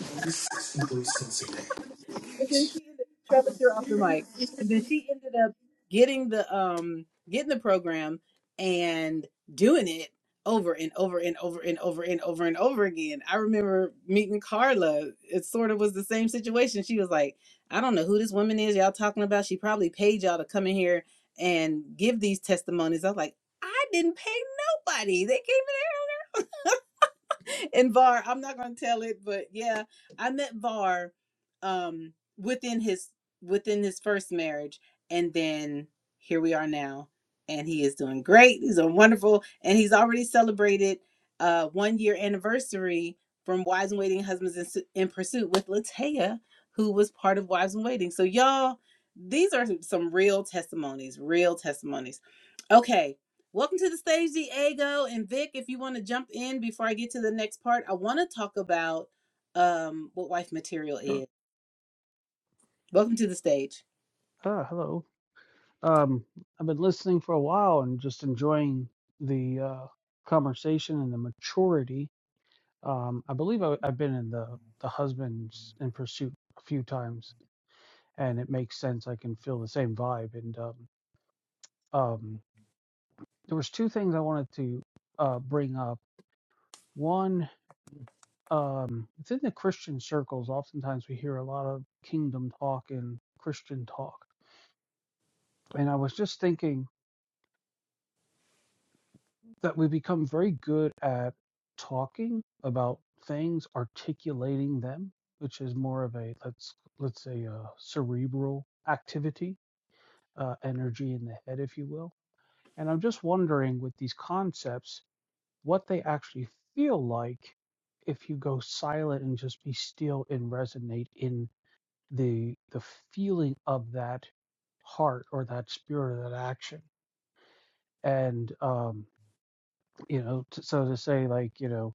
S1: and then she ended, Trellis, you're off the mic. And then she ended up getting the um getting the program and doing it over and over and over and over and over and over again. I remember meeting Carla. It sort of was the same situation. She was like, I don't know who this woman is y'all talking about. She probably paid y'all to come in here and give these testimonies. I was like, I didn't pay nobody. They came in and Var, I'm not gonna tell it, but yeah, I met Var um within his within his first marriage, and then here we are now, and he is doing great. He's doing wonderful, and he's already celebrated uh one year anniversary from Wives and Waiting Husbands in, Su- in Pursuit with Latoya, who was part of Wives and Waiting. So y'all, these are some real testimonies, real testimonies. Okay, Welcome to the stage, Diego and Vic. If you want to jump in before I get to the next part, I want to talk about um, what wife material
S9: Sure.
S1: is. Welcome to the stage.
S9: Ah, hello. Um, I've been listening for a while and just enjoying the uh, conversation and the maturity. Um, I believe I, I've been in the the husbands in pursuit a few times, and it makes sense. I can feel the same vibe. And um, um, there was two things I wanted to uh, bring up. One, um, within the Christian circles, oftentimes we hear a lot of kingdom talk and Christian talk, and I was just thinking. that we become very good at talking about things, articulating them, which is more of a let's let's say a cerebral activity, uh, energy in the head, if you will. And I'm just wondering with these concepts, what they actually feel like if you go silent and just be still and resonate in the the feeling of that heart or that spirit or that action. And um, you know, t- so to say, like you know,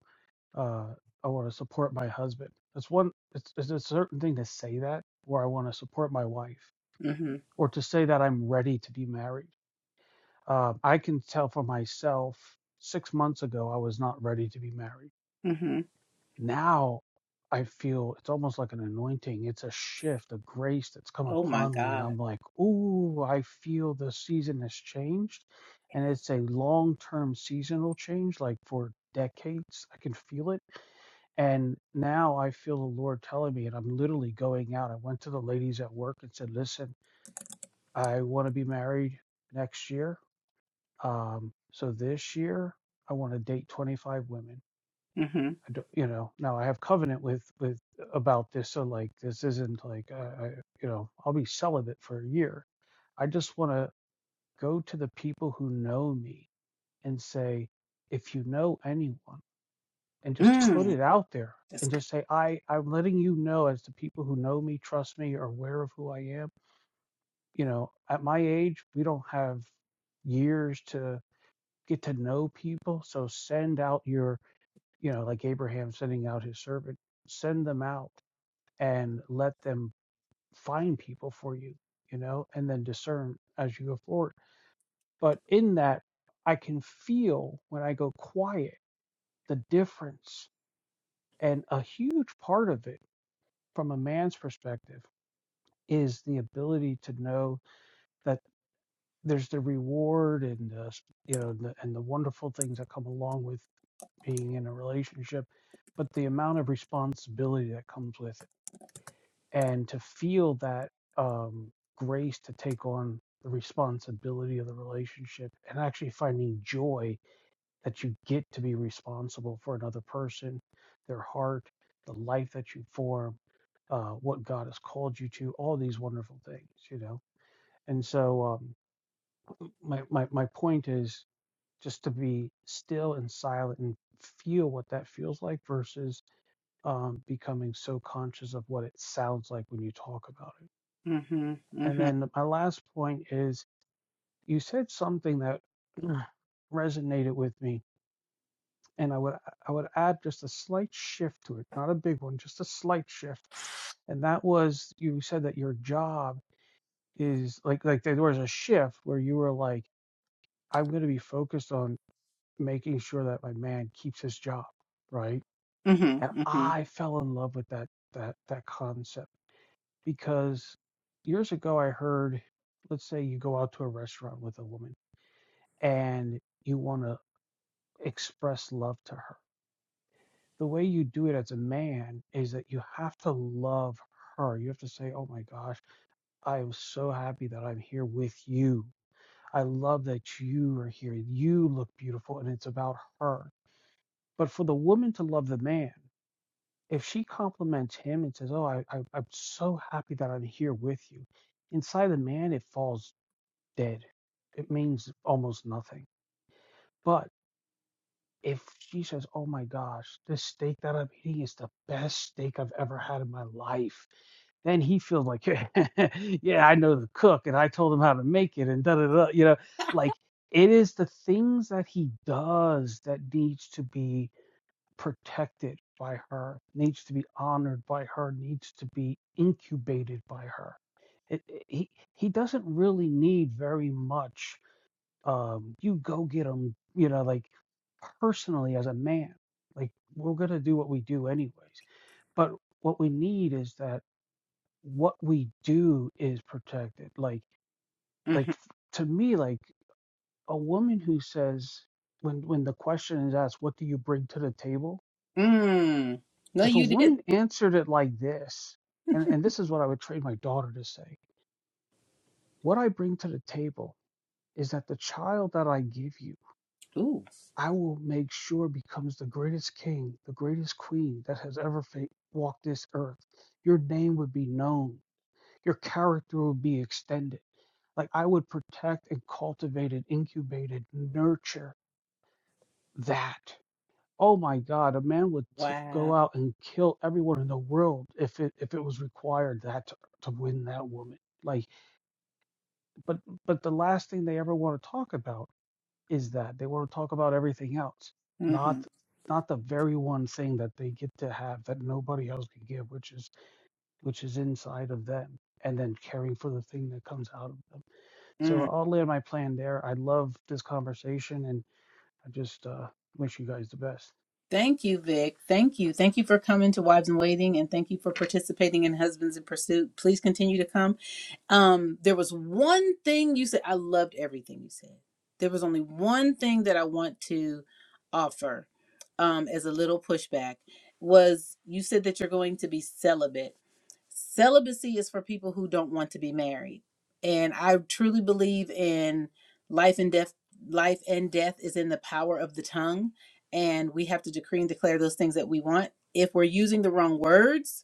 S9: uh, I want to support my husband. It's one. It's, it's a certain thing to say that, or I want to support my wife,
S1: Mm-hmm.
S9: or to say that I'm ready to be married. Uh, I can tell for myself. Six months ago, I was not ready to be married.
S1: Mm-hmm.
S9: Now, I feel it's almost like an anointing. It's a shift, a grace that's come
S1: Oh my
S9: upon me, and
S1: God.
S9: I'm like, ooh, I feel the season has changed, and it's a long-term seasonal change, like for decades. I can feel it and now I feel the Lord telling me, and I'm literally going out. I went to the ladies at work and said, Listen, I want to be married next year. Um, so this year, I want to date 25 women.
S1: Mm-hmm.
S9: I don't, you know, now I have covenant with, with about this. So, like, this isn't like, uh, I, you know, I'll be celibate for a year. I just want to go to the people who know me and say, If you know anyone, and just put
S1: Mm.
S9: it out there
S1: That's
S9: and
S1: good.
S9: just say i i'm letting you know as the people who know me trust me are aware of who i am you know at my age we don't have years to get to know people so send out your you know like abraham sending out his servant send them out and let them find people for you you know and then discern as you go forward but in that i can feel when i go quiet the difference and a huge part of it from a man's perspective is the ability to know that there's the reward and the, you know the, and the wonderful things that come along with being in a relationship but the amount of responsibility that comes with it and to feel that um, grace to take on the responsibility of the relationship and actually finding joy that you get to be responsible for another person their heart the life that you form uh, what God has called you to, all these wonderful things, you know. And so um, my, my my point is just to be still and silent and feel what that feels like versus um, becoming so conscious of what it sounds like when you talk about it.
S1: Mm-hmm.
S9: And
S1: Mm-hmm.
S9: then my last point is you said something that resonated with me, and I would I would add just a slight shift to it, not a big one, just a slight shift. And that was you said that your job is like like there was a shift where you were like i'm going to be focused on making sure that my man keeps his job right and
S1: Mm-hmm. Mm-hmm. hmm
S9: i fell in love with that that that concept because years ago i heard let's say you go out to a restaurant with a woman and you want to express love to her the way you do it as a man is that you have to love her you have to say oh my gosh i am so happy that i'm here with you I love that you are here. You look beautiful, and it's about her. But for the woman to love the man, if she compliments him and says, Oh, I, I, I'm so happy that I'm here with you, inside the man, it falls dead. It means almost nothing. But if she says, "Oh my gosh, this steak that I'm eating is the best steak I've ever had in my life," then he feels like, "Yeah, I know the cook, and I told him how to make it," and da da da. You know, like it is the things that he does that needs to be protected by her, needs to be honored by her, needs to be incubated by her. It, it- he he doesn't really need very much um, you go get them, you know, like personally as a man. Like we're gonna do what we do anyways. But what we need is that what we do is protected. Like like to me, like a woman who says when when the question is asked, what do you bring to the table?
S1: Mm. No,
S9: If a
S1: you did.
S9: woman answered it like this, and, and this is what I would train my daughter to say, what I bring to the table is that the child that I give you
S1: Ooh.
S9: I will make sure becomes the greatest king, the greatest queen that has ever fa- walked this earth. Your name would be known, your character would be extended. Like I would protect and cultivate and incubate and nurture that. Oh my God, a man would t- go
S1: Wow.
S9: out and kill everyone in the world if it if it was required that to, to win that woman. Like, but but the last thing they ever want to talk about is that they want to talk about everything else,
S1: Mm-hmm.
S9: not not the very one thing that they get to have that nobody else can give, which is which is inside of them, and then caring for the thing that comes out of them.
S1: mm.
S9: So I'll lay my plan there. I love this conversation, and I just uh, wish you guys the best.
S1: Thank you, Vic. Thank you. Thank you for coming to Wives in Waiting and thank you for participating in Husbands in Pursuit. Please continue to come. Um, there was one thing you said. I loved everything you said. There was only one thing that I want to offer um, as a little pushback was you said that you're going to be celibate. Celibacy is for people who don't want to be married, and I truly believe in life and death. Life and death is in the power of the tongue, and we have to decree and declare those things that we want. If we're using the wrong words,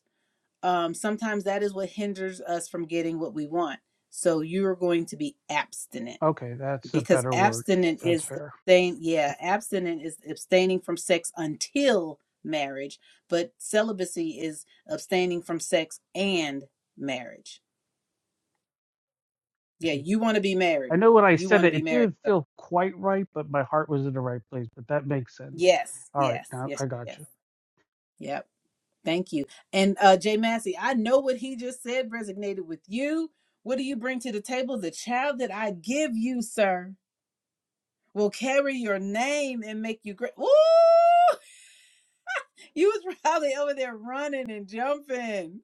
S1: um, sometimes that is what hinders us from getting what we want. So you're going to be abstinent
S9: Okay, that's a
S1: because
S9: better word.
S1: abstinent
S9: That's
S1: is
S9: fair.
S1: abstain. Yeah, abstinent is abstaining from sex until marriage, but celibacy is abstaining from sex and marriage.
S9: Thank
S1: Yeah,
S9: you.
S1: you want to be married.
S9: I know when I
S1: You
S9: said
S1: want to
S9: it,
S1: be
S9: it
S1: married.
S9: didn't
S1: So
S9: feel quite right, but my heart was in the right place. But that makes sense.
S1: yes,
S9: All right,
S1: yes,
S9: now
S1: yes,
S9: I got
S1: yes.
S9: you.
S1: Yep. Thank you. And uh Jay Massey, I know what he just said resonated with you. What do you bring to the table? The child that I give you, sir, will carry your name and make you great. Woo! You was probably over there running and jumping.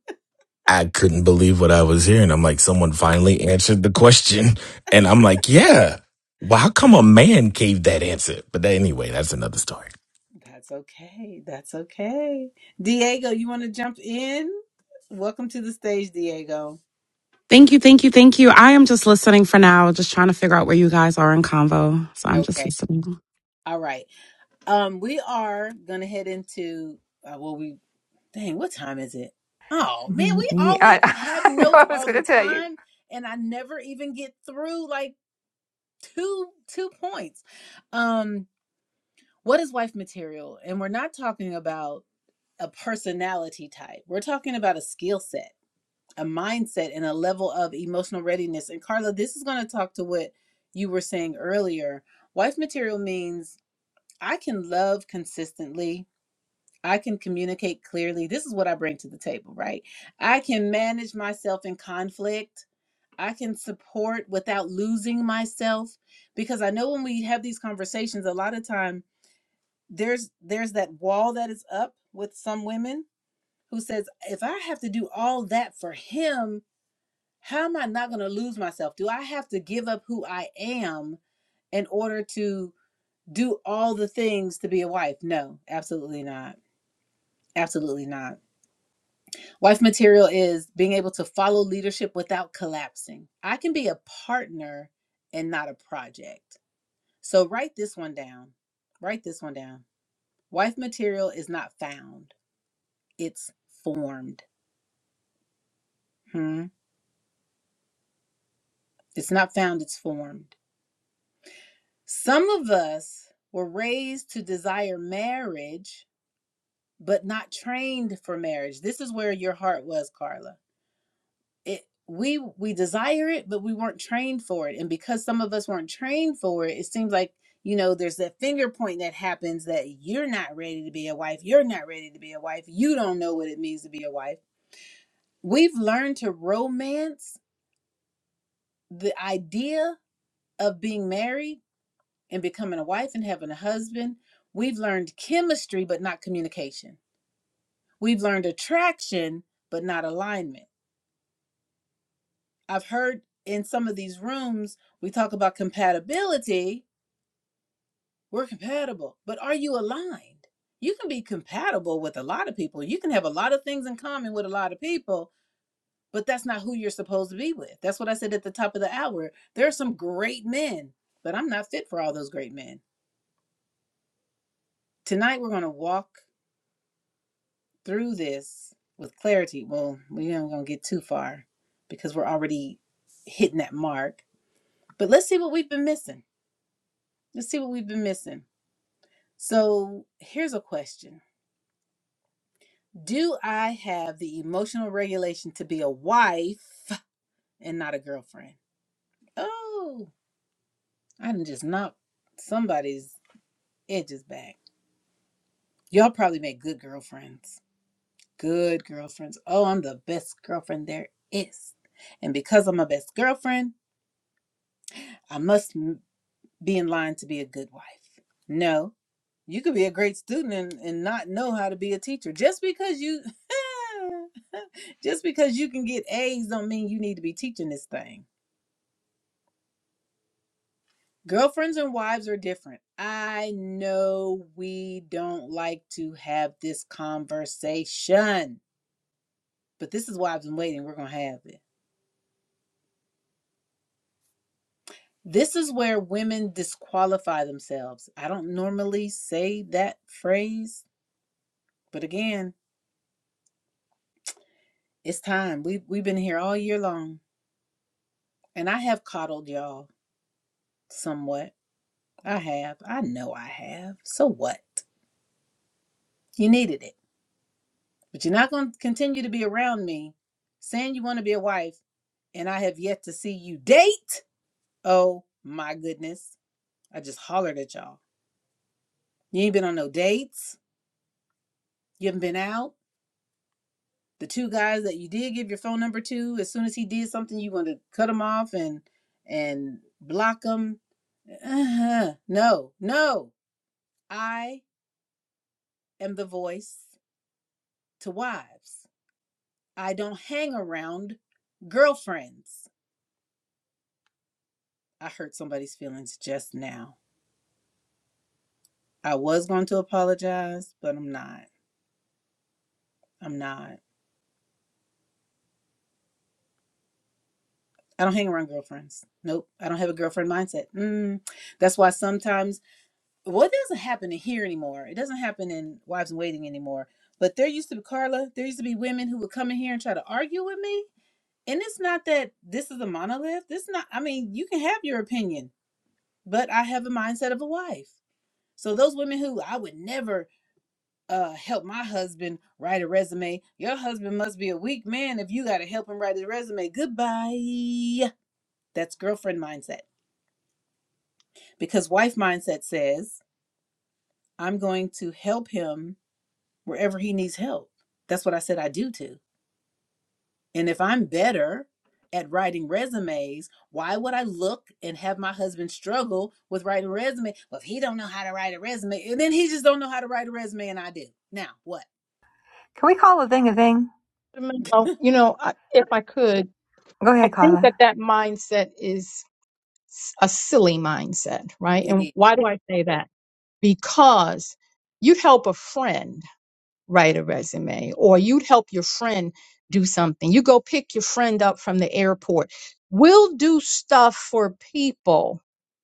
S6: I couldn't believe what I was hearing. I'm like, someone finally answered the question. And I'm like, yeah. Well, how come a man gave that answer? But that, anyway, that's another story.
S1: That's okay. That's okay. Diego, you want to jump in? Welcome to the stage, Diego.
S10: Thank you, thank you, thank you. I am just listening for now, just trying to figure out where you guys are in convo. So I'm just
S1: Okay.
S10: listening.
S1: All right. Um, we are gonna head into uh, well, we Dang, what time is it? Oh man,
S4: Mhm.
S1: we
S4: yeah
S1: always
S4: i,
S1: I have
S4: I know i
S1: notes
S4: was
S1: all
S4: going to
S1: the
S4: tell you
S1: time and I never even get through like two two points. Um what is wife material? And we're not talking about a personality type. We're talking about a skill set, a mindset and a level of emotional readiness. And Carla, this is going to talk to what you were saying earlier. Wife material means I can love consistently I can communicate clearly. This is what I bring to the table, right? I can manage myself in conflict. I can support without losing myself because I know when we have these conversations a lot of time there's there's that wall that is up with some women who says if I have to do all that for him, how am I not going to lose myself? Do I have to give up who I am in order to do all the things to be a wife? No, absolutely not. Absolutely not Wife material is being able to follow leadership without collapsing. I can be a partner and not a project. So write this one down. Write this one down. Wife material is not found, it's formed. Hmm? It's not found, it's formed. Some of us were raised to desire marriage, but not trained for marriage. This is where your heart was, Carla it we we desire it but we weren't trained for it and because some of us weren't trained for it it seems like you know there's that finger point that happens that you're not ready to be a wife you're not ready to be a wife you don't know what it means to be a wife we've learned to romance the idea of being married and becoming a wife and having a husband we've learned chemistry but not communication we've learned attraction but not alignment I've heard in some of these rooms, we talk about compatibility. We're compatible, but are you aligned? You can be compatible with a lot of people. You can have a lot of things in common with a lot of people, but that's not who you're supposed to be with. That's what I said at the top of the hour. There are some great men, but I'm not fit for all those great men. Tonight, we're going to walk through this with clarity. Well, we're not going to get too far because we're already hitting that mark, but let's see what we've been missing. Let's see what we've been missing. So here's a question Do I have the emotional regulation to be a wife and not a girlfriend? Oh, I done just knocked somebody's edges back. Y'all probably make good girlfriends. Good girlfriends. Oh, I'm the best girlfriend there is. And because I'm a best girlfriend, I must m- be in line to be a good wife. No, You could be a great student and, and not know how to be a teacher. Just because you just because you can get A's don't mean you need to be teaching this thing. Girlfriends and wives are different. I know we don't like to have this conversation, but this is why I've been waiting. We're going to have it. This is where women disqualify themselves. I don't normally say that phrase, but again, it's time. We we've been here all year long, and I have coddled y'all. somewhat. I have. I know I have. So what? You needed it. But you're not going to continue to be around me saying you want to be a wife and I have yet to see you date. Oh my goodness. I just hollered at y'all. You ain't been on no dates. You haven't been out. The two guys that you did give your phone number to, as soon as he did something, you want to cut him off and and block him. Uh-huh. No, no. I am the voice to wives. I don't hang around girlfriends. I hurt somebody's feelings just now. I was going to apologize, but I'm not. I'm not. I don't hang around girlfriends. Nope. I don't have a girlfriend mindset. Mm. That's why sometimes, well, it doesn't happen in here anymore. It doesn't happen in Wives in Waiting anymore. But there used to be, Carla, there used to be women who would come in here and try to argue with me. And it's not that this is a monolith. This is not, I mean, you can have your opinion, but I have a mindset of a wife. So those women who I would never uh help my husband write a resume. Your husband must be a weak man if you gotta help him write his resume. Goodbye. That's girlfriend mindset. Because wife mindset says, I'm going to help him wherever he needs help. That's what I said I do to. And if I'm better at writing resumes, why would I look and have my husband struggle with writing resume? Well, if he don't know how to write a resume, and then he just don't know how to write a resume and I do. Now what?
S4: can we call a thing a thing
S7: Now, You know, I- if I could,
S4: go
S7: I
S4: ahead
S7: think that
S4: carla
S7: that mindset is s- a silly mindset, right?
S1: It
S7: And
S1: is.
S7: why do I say that? because you help a friend write a resume or you'd help your friend do something. You go pick your friend up from the airport. We'll do stuff for people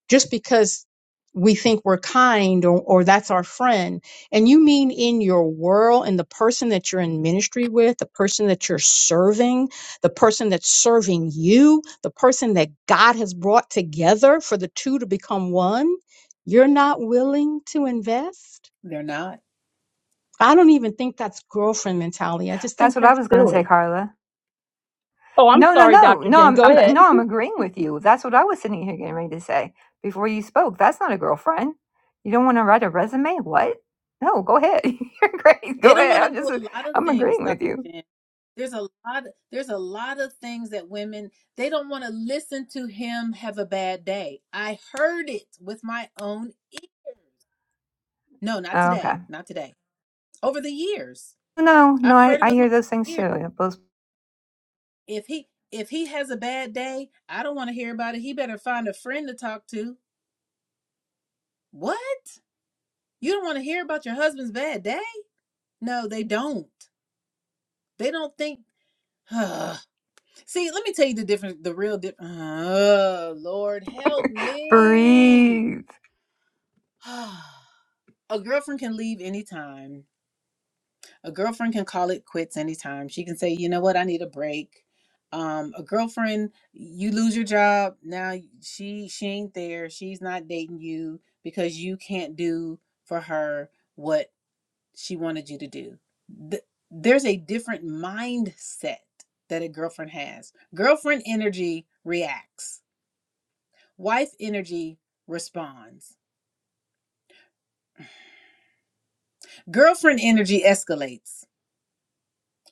S7: just because we think we're kind or, or that's our friend. And you mean in your world and the person that you're in ministry with, the person that you're serving, the person that's serving you, the person that God has brought together for the two to become one, you're not willing to invest?
S1: They're not.
S7: I don't even think that's girlfriend mentality. I just
S4: that's
S7: think
S4: what i
S7: that's
S4: was going to say
S7: silly.
S4: carla
S7: Oh, I'm
S4: No, no,
S7: sorry,
S4: no,
S7: Dr.
S4: no.
S7: Jen.
S4: I'm,
S7: Go
S4: I'm
S7: ahead.
S4: no, I'm agreeing with you. That's what I was sitting here getting ready to say before you spoke. That's not a girlfriend. You don't want to write a resume? What? No, go ahead. You're great.
S1: They
S4: Go
S1: don't
S4: ahead.
S1: want
S4: I'm
S1: to do
S4: just,
S1: a lot of
S4: I'm
S1: things,
S4: agreeing with
S1: Dr.
S4: you.
S1: Jen. There's a lot there's a lot of things that women they don't want to listen to him have a bad day. I heard it with my own ear. No, not
S4: Okay.
S1: today. Not today. Over the years.
S4: No, no,
S1: I've
S4: I,
S1: heard it
S4: I
S1: with my
S4: hear those things
S1: ear.
S4: too. Those
S1: If he if he has a bad day, I don't want to hear about it. He better find a friend to talk to. What? You don't want to hear about your husband's bad day? No, they don't. They don't think See, let me tell you the difference, the real difference. Oh, Lord, help me.
S4: breathe.
S1: a girlfriend can leave anytime. A girlfriend can call it quits anytime. She can say, you know what, I need a break. Um, a girlfriend, you lose your job now. She she ain't there. She's not dating you because you can't do for her what she wanted you to do. Th- there's a different mindset that a girlfriend has. Girlfriend energy reacts Wife energy responds. Girlfriend energy escalates.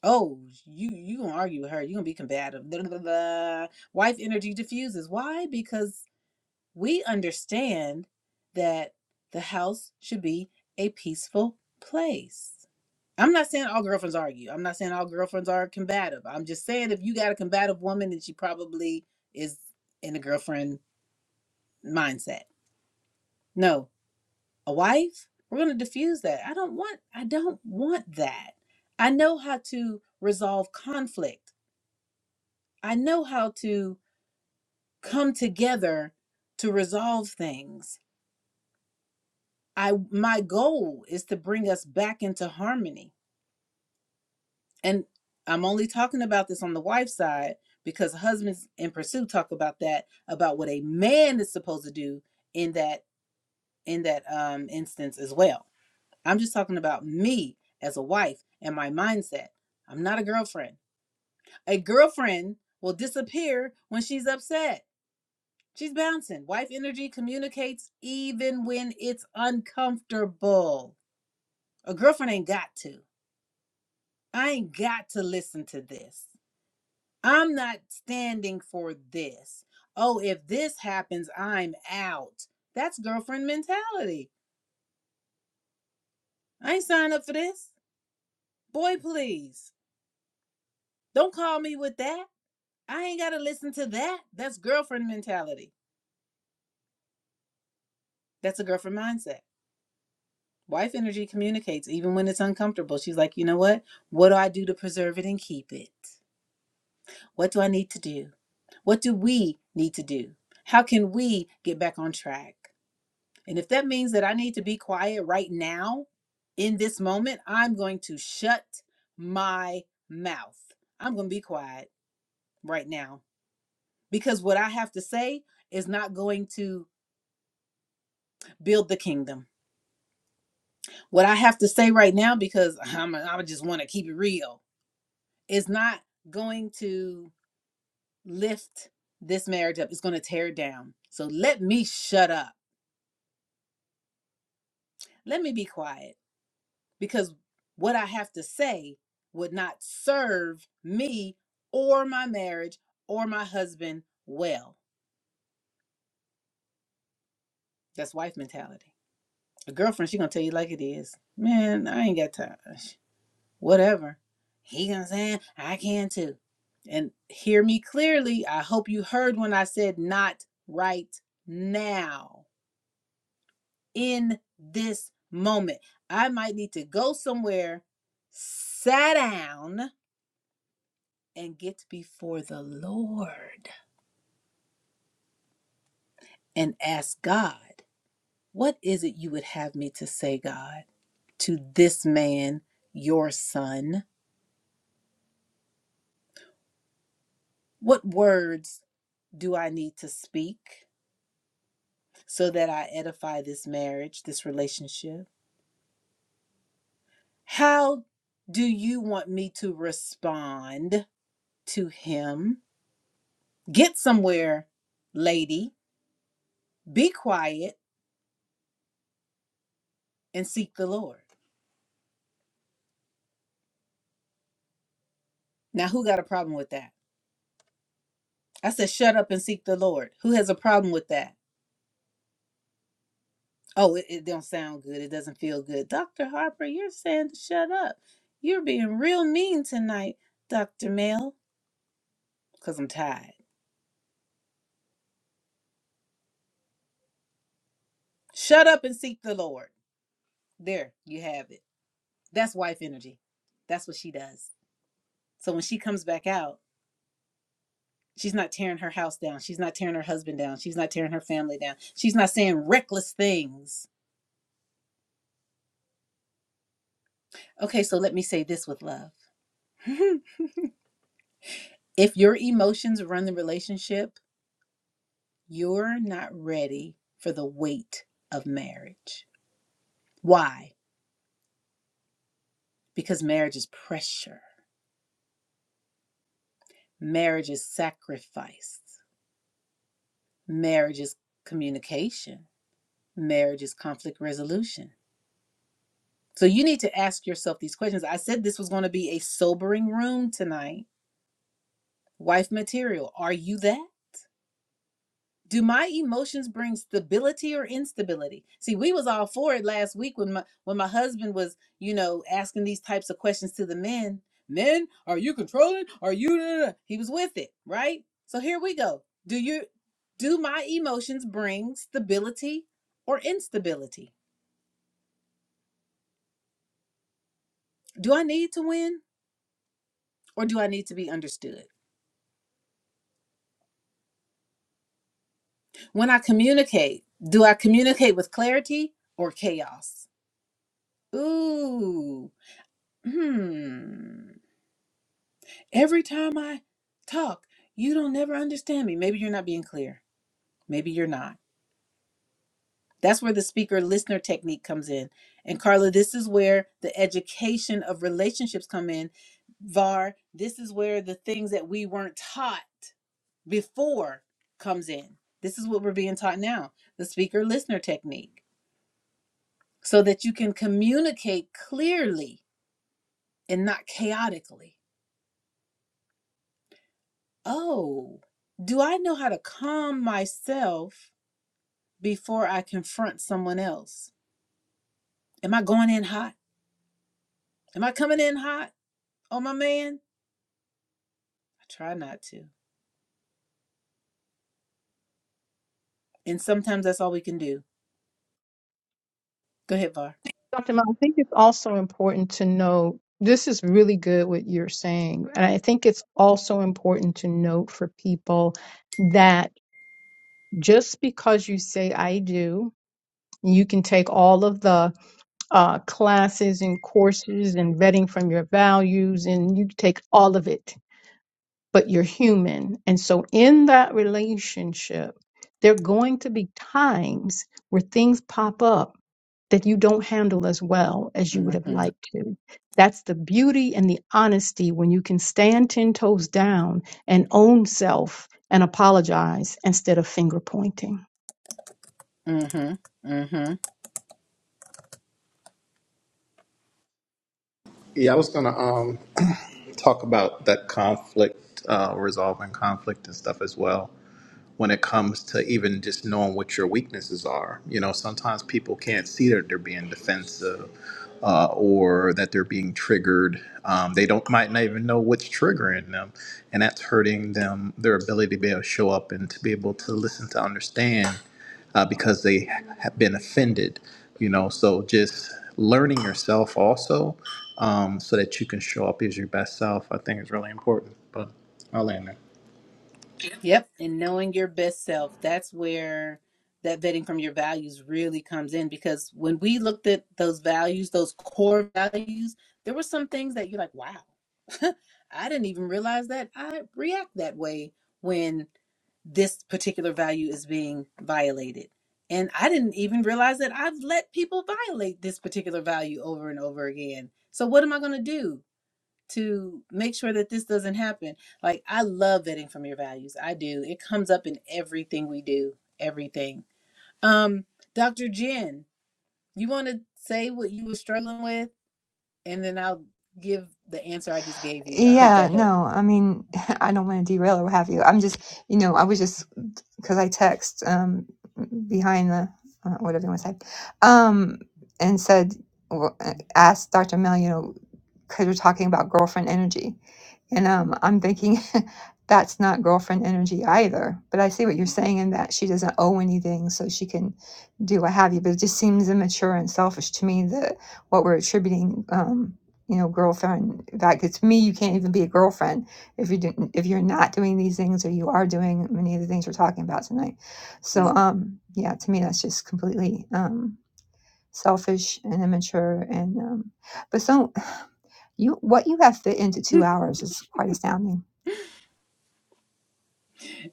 S1: Oh, you you gonna argue with her? You gonna be combative? Blah, blah, blah. Wife energy diffuses. Why? Because we understand that the house should be a peaceful place. I'm not saying all girlfriends argue. I'm not saying all girlfriends are combative. I'm just saying if you got a combative woman, then she probably is in a girlfriend mindset. No, a wife we're going to diffuse that i don't want i don't want that i know how to resolve conflict i know how to come together to resolve things i my goal is to bring us back into harmony and i'm only talking about this on the wife side because husbands in pursuit talk about that about what a man is supposed to do in that in that um instance as well I'm just talking about me as a wife and my mindset. I'm not a girlfriend. A girlfriend will disappear when she's upset. She's bouncing. Wife energy communicates even when it's uncomfortable. A girlfriend ain't got to. I ain't got to listen to this. I'm not standing for this. Oh, if this happens, I'm out. That's girlfriend mentality. I ain't signed up for this. Boy, please. Don't call me with that. I ain't got to listen to that. That's girlfriend mentality. That's a girlfriend mindset. Wife energy communicates even when it's uncomfortable. She's like, you know what? What do I do to preserve it and keep it? What do I need to do? What do we need to do? How can we get back on track? And if that means that I need to be quiet right now, in this moment, I'm going to shut my mouth. I'm going to be quiet right now because what I have to say is not going to build the kingdom. What I have to say right now, because I'm, a, I just want to keep it real, is not going to lift this marriage up. It's going to tear it down. So let me shut up. Let me be quiet because what I have to say would not serve me or my marriage or my husband well. That's wife mentality. A girlfriend, she gonna tell you like it is. Man, I ain't got time. whatever. He gonna say, I can too. And hear me clearly. I hope you heard when I said not right now, in this moment. I might need to go somewhere, sit down, and get before the Lord and ask God, what is it you would have me to say, God, to this man, your son? What words do I need to speak? so that I edify this marriage, this relationship? How do you want me to respond to him? Get somewhere, lady. Be quiet and seek the Lord. Now, who got a problem with that? I said, shut up and seek the Lord. Who has a problem with that? Oh, it, it don't sound good. It doesn't feel good. Dr. Harper, you're saying to shut up. You're being real mean tonight, Dr. Mel, because I'm tired. Shut up and seek the Lord. There, you have it. That's wife energy. That's what she does. So when she comes back out, she's not tearing her house down. She's not tearing her husband down. She's not tearing her family down. She's not saying reckless things. Okay, so let me say this with love. if your emotions run the relationship, you're not ready for the weight of marriage. Why? Because marriage is pressure, marriage is sacrifice, marriage is communication, marriage is conflict resolution. So you need to ask yourself these questions. I said this was going to be a sobering room tonight. Wife material, are you that? Do my emotions bring stability or instability? See, we was all for it last week when my when my husband was, you know, asking these types of questions to the men. Men, are you controlling? Are you? da- da- da?" He was with it, right? So here we go. Do you do my emotions bring stability or instability? Do I need to win or do I need to be understood? When I communicate, do I communicate with clarity or chaos? Ooh, hmm. Every time I talk, you don't never understand me. Maybe you're not being clear. Maybe you're not. That's where the speaker listener technique comes in. And Carla, this is where the education of relationships come in. VAR, this is where the things that we weren't taught before comes in. This is what we're being taught now, the speaker listener technique. so that you can communicate clearly and not chaotically. Oh, do I know how to calm myself before I confront someone else? Am I going in hot? Am I coming in hot Oh, my man? I try not to. And sometimes that's all we can do. Go ahead, Var.
S7: Dr. Mel, I think it's also important to know this is really good what you're saying. And I think it's also important to note for people that just because you say I do, you can take all of the uh, classes and courses and vetting from your values and you take all of it, but you're human. And so in that relationship, there are going to be times where things pop up that you don't handle as well as you would have
S1: Mm-hmm.
S7: liked to. That's the beauty and the honesty when you can stand 10 toes down and own self and apologize instead of finger pointing.
S1: Mm-hmm. Mm-hmm.
S8: yeah i was gonna um talk about that conflict uh resolving conflict and stuff as well when it comes to even just knowing what your weaknesses are. You know, sometimes people can't see that they're being defensive uh, or that they're being triggered. Um, they don't might not even know what's triggering them, and that's hurting them their ability to be able to show up and to be able to listen to understand uh, because they have been offended. You know, so just learning yourself also um, so that you can show up as your best self, I think is really important. But I'll end there.
S1: Yep. And knowing your best self, that's where that vetting from your values really comes in because when we looked at those values, those core values, there were some things that you're like, wow, I didn't even realize that I react that way when this particular value is being violated. And I didn't even realize that I've let people violate this particular value over and over again. So what am I going to do? to make sure that this doesn't happen. Like I love vetting from your values. I do. It comes up in everything we do, everything. Um Dr. Jen, you want to say what you were struggling with and then I'll give the answer I just gave you. I hope
S4: Yeah,
S1: that helped.
S4: no, I mean, I don't want to derail or what have you. I'm just, you know, I was just because I text um behind the uh, whatever you want to say, um, and said, well, uh, asked Dr. Mel, you know, because you're talking about girlfriend energy. And um, I'm thinking that's not girlfriend energy either. But I see what you're saying in that she doesn't owe anything, so she can do what have you. But it just seems immature and selfish to me that what we're attributing, um, you know, girlfriend. In fact, it's me. You can't even be a girlfriend if you didn't, if you're not doing these things, or you are doing many of the things we're talking about tonight. So,
S1: Mm.
S4: um, yeah, to me, that's just completely um, selfish and immature and um, but so you what you have fit into two hours is quite astounding.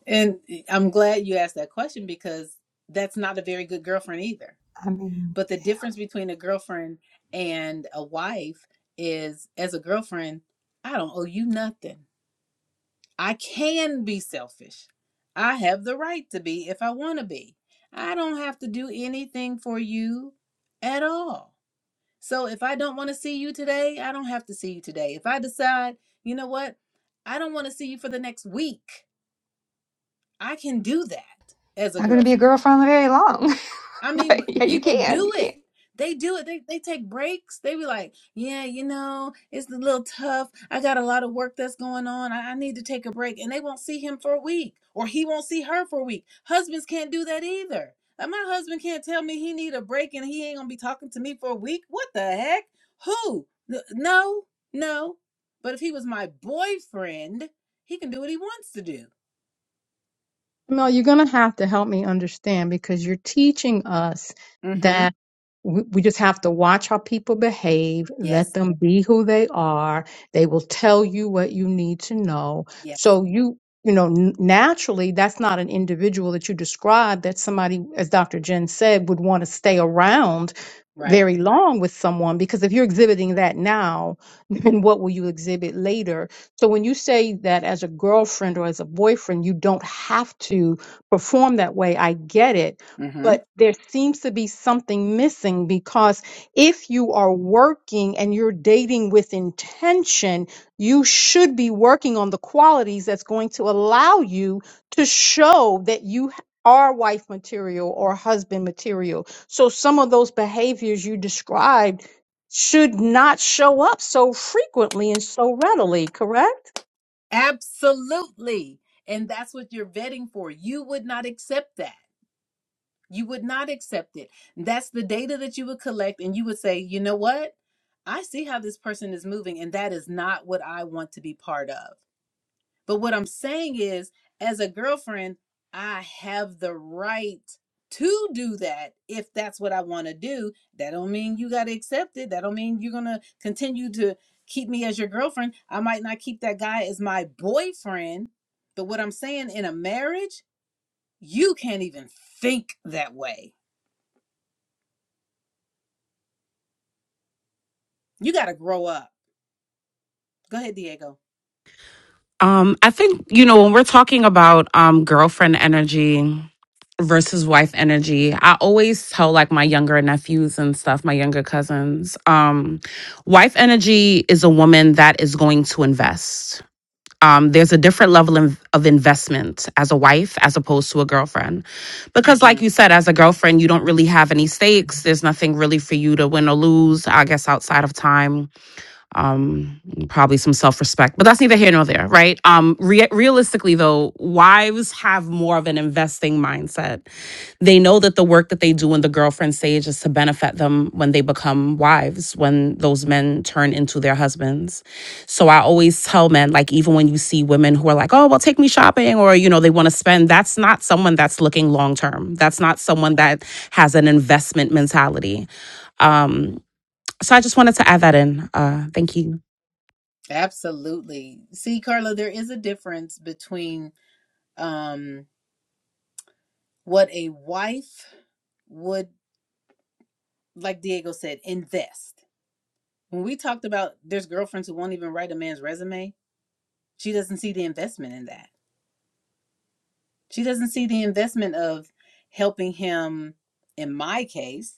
S1: And I'm glad you asked that question because that's not a very good girlfriend either.
S4: I mean,
S1: But the
S4: yeah.
S1: difference between a girlfriend and a wife is as a girlfriend, I don't owe you nothing. I can be selfish. I have the right to be if I want to be. I don't have to do anything for you at all. So if I don't want to see you today, I don't have to see you today. If I decide, you know what, I don't want to see you for the next week, I can do that as a
S4: not going to be
S1: girlfriend.
S4: a girlfriend very long,
S1: I mean,
S4: but yeah,
S1: but
S4: you
S1: people
S4: can. You
S1: do
S4: can.
S1: it. They do it. They they take breaks. They be like, yeah, you know, it's a little tough. I got a lot of work that's going on. I, I need to take a break. And they won't see him for a week, or he won't see her for a week. Husbands can't do that either. Like my husband can't tell me he need a break and he ain't gonna be talking to me for a week. What the heck? Who? N- No, no. But if he was my boyfriend, he can do what he wants to do.
S7: No, you're going to have to help me understand because you're teaching us
S1: Mm-hmm.
S7: that we, we just have to watch how people behave, let
S1: Yes.
S7: them be who they are. They will tell you what you need to know.
S1: Yes.
S7: So you, you know, n- naturally, that's not an individual that you describe that somebody, as Dr. Jen said, would want to stay around
S1: Right.
S7: very long with someone because if you're exhibiting that now, then what will you exhibit later? So when you say that as a girlfriend or as a boyfriend, you don't have to perform that way, I get it. But there seems to be something missing because if you are working and you're dating with intention, you should be working on the qualities that's going to allow you to show that you are wife material or husband material. So some of those behaviors you described should not show up so frequently and so readily, correct?
S1: Absolutely. And that's what you're vetting for. You would not accept that. You would not accept it. That's the data that you would collect, and you would say, you know what? I see how this person is moving, and that is not what I want to be part of. But what I'm saying is, as a girlfriend, I have the right to do that if that's what I want to do. That don't mean you got to accept it. That don't mean you're going to continue to keep me as your girlfriend. I might not keep that guy as my boyfriend, but what I'm saying in a marriage, you can't even think that way. You got to grow up. Go ahead, Diego.
S10: Um, I think, you know, when we're talking about um girlfriend energy versus wife energy, I always tell like my younger nephews and stuff, my younger cousins, um, wife energy is a woman that is going to invest. um, there's a different level of, of investment as a wife as opposed to a girlfriend. Because,
S1: hmm
S10: like you said, as a girlfriend, you don't really have any stakes. There's nothing really for you to win or lose, I guess, outside of time probably some self-respect but that's neither here nor there right um re- realistically though wives have more of an investing mindset they know that the work that they do in the girlfriend stage is to benefit them when they become wives when those men turn into their husbands so i always tell men like even when you see women who are like oh well take me shopping or you know they want to spend that's not someone that's looking long term that's not someone
S1: Right.
S10: that has an investment mentality um so i just wanted to add that in uh thank you
S1: Absolutely. See, Carla, there is a difference between um what a wife would, like Diego said, invest. When we talked about there's girlfriends who won't even write a man's resume, she doesn't see the investment in that. She doesn't see the investment of helping him, in my case,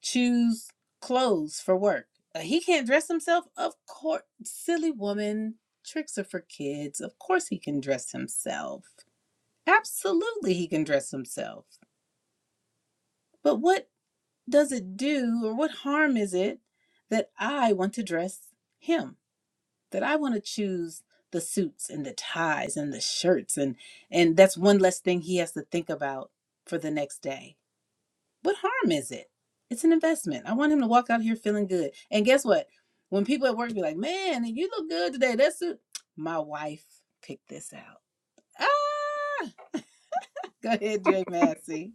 S1: choose clothes for work. Uh, He can't dress himself? Of course. Silly woman. Tricks are for kids. Of course he can dress himself. Absolutely he can dress himself. But what does it do or what harm is it that I want to dress him? that I want to choose the suits and the ties and the shirts and and that's one less thing he has to think about for the next day. What harm is it? It's an investment. I want him to walk out here feeling good. And guess what? When people at work be like, "Man, you look good today." That suit. My wife picked this out. Ah, go ahead, Jay Massey.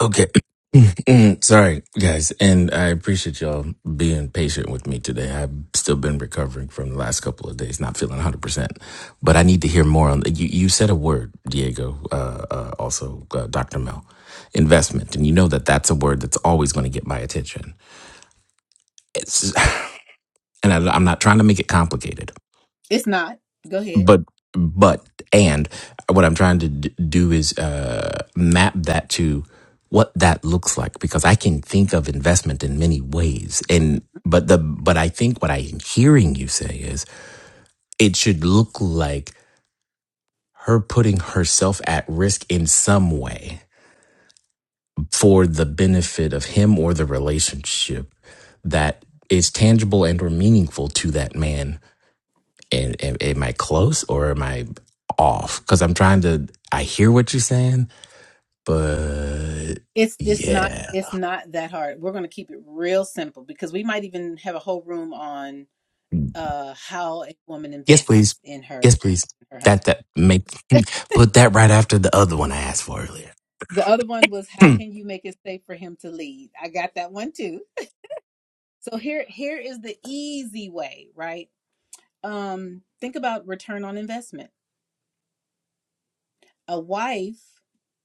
S6: Okay. Mm, Sorry, guys. And I appreciate y'all being patient with me today. I've still been recovering from the last couple of days, not feeling 100%. But I need to hear more on You, you said a word, Diego, uh, uh, also uh, Dr. Mel, investment. And you know that that's a word that's always going to get my attention. It's, and I, I'm not trying to make it complicated.
S1: It's not. Go ahead.
S6: but but and what i'm trying to d- do is uh map that to what that looks like because i can think of investment in many ways and but the but i think what i'm hearing you say is it should look like her putting herself at risk in some way for the benefit of him or the relationship that is tangible and or meaningful to that man And, and am I close or am I off? Because I'm trying to, I hear what you're saying, but
S1: It's it's not
S6: yeah.
S1: it's not that hard. We're going to keep it real simple because we might even have a whole room on uh, how a woman
S6: Yes, please.
S1: invests in her
S6: Yes, please.
S1: her husband.
S6: That, that, make, put that right after the other one I asked for earlier.
S1: The other one was how can you make it safe for him to lead? I got that one too. So here here is the easy way, right? Um, think about return on investment. A wife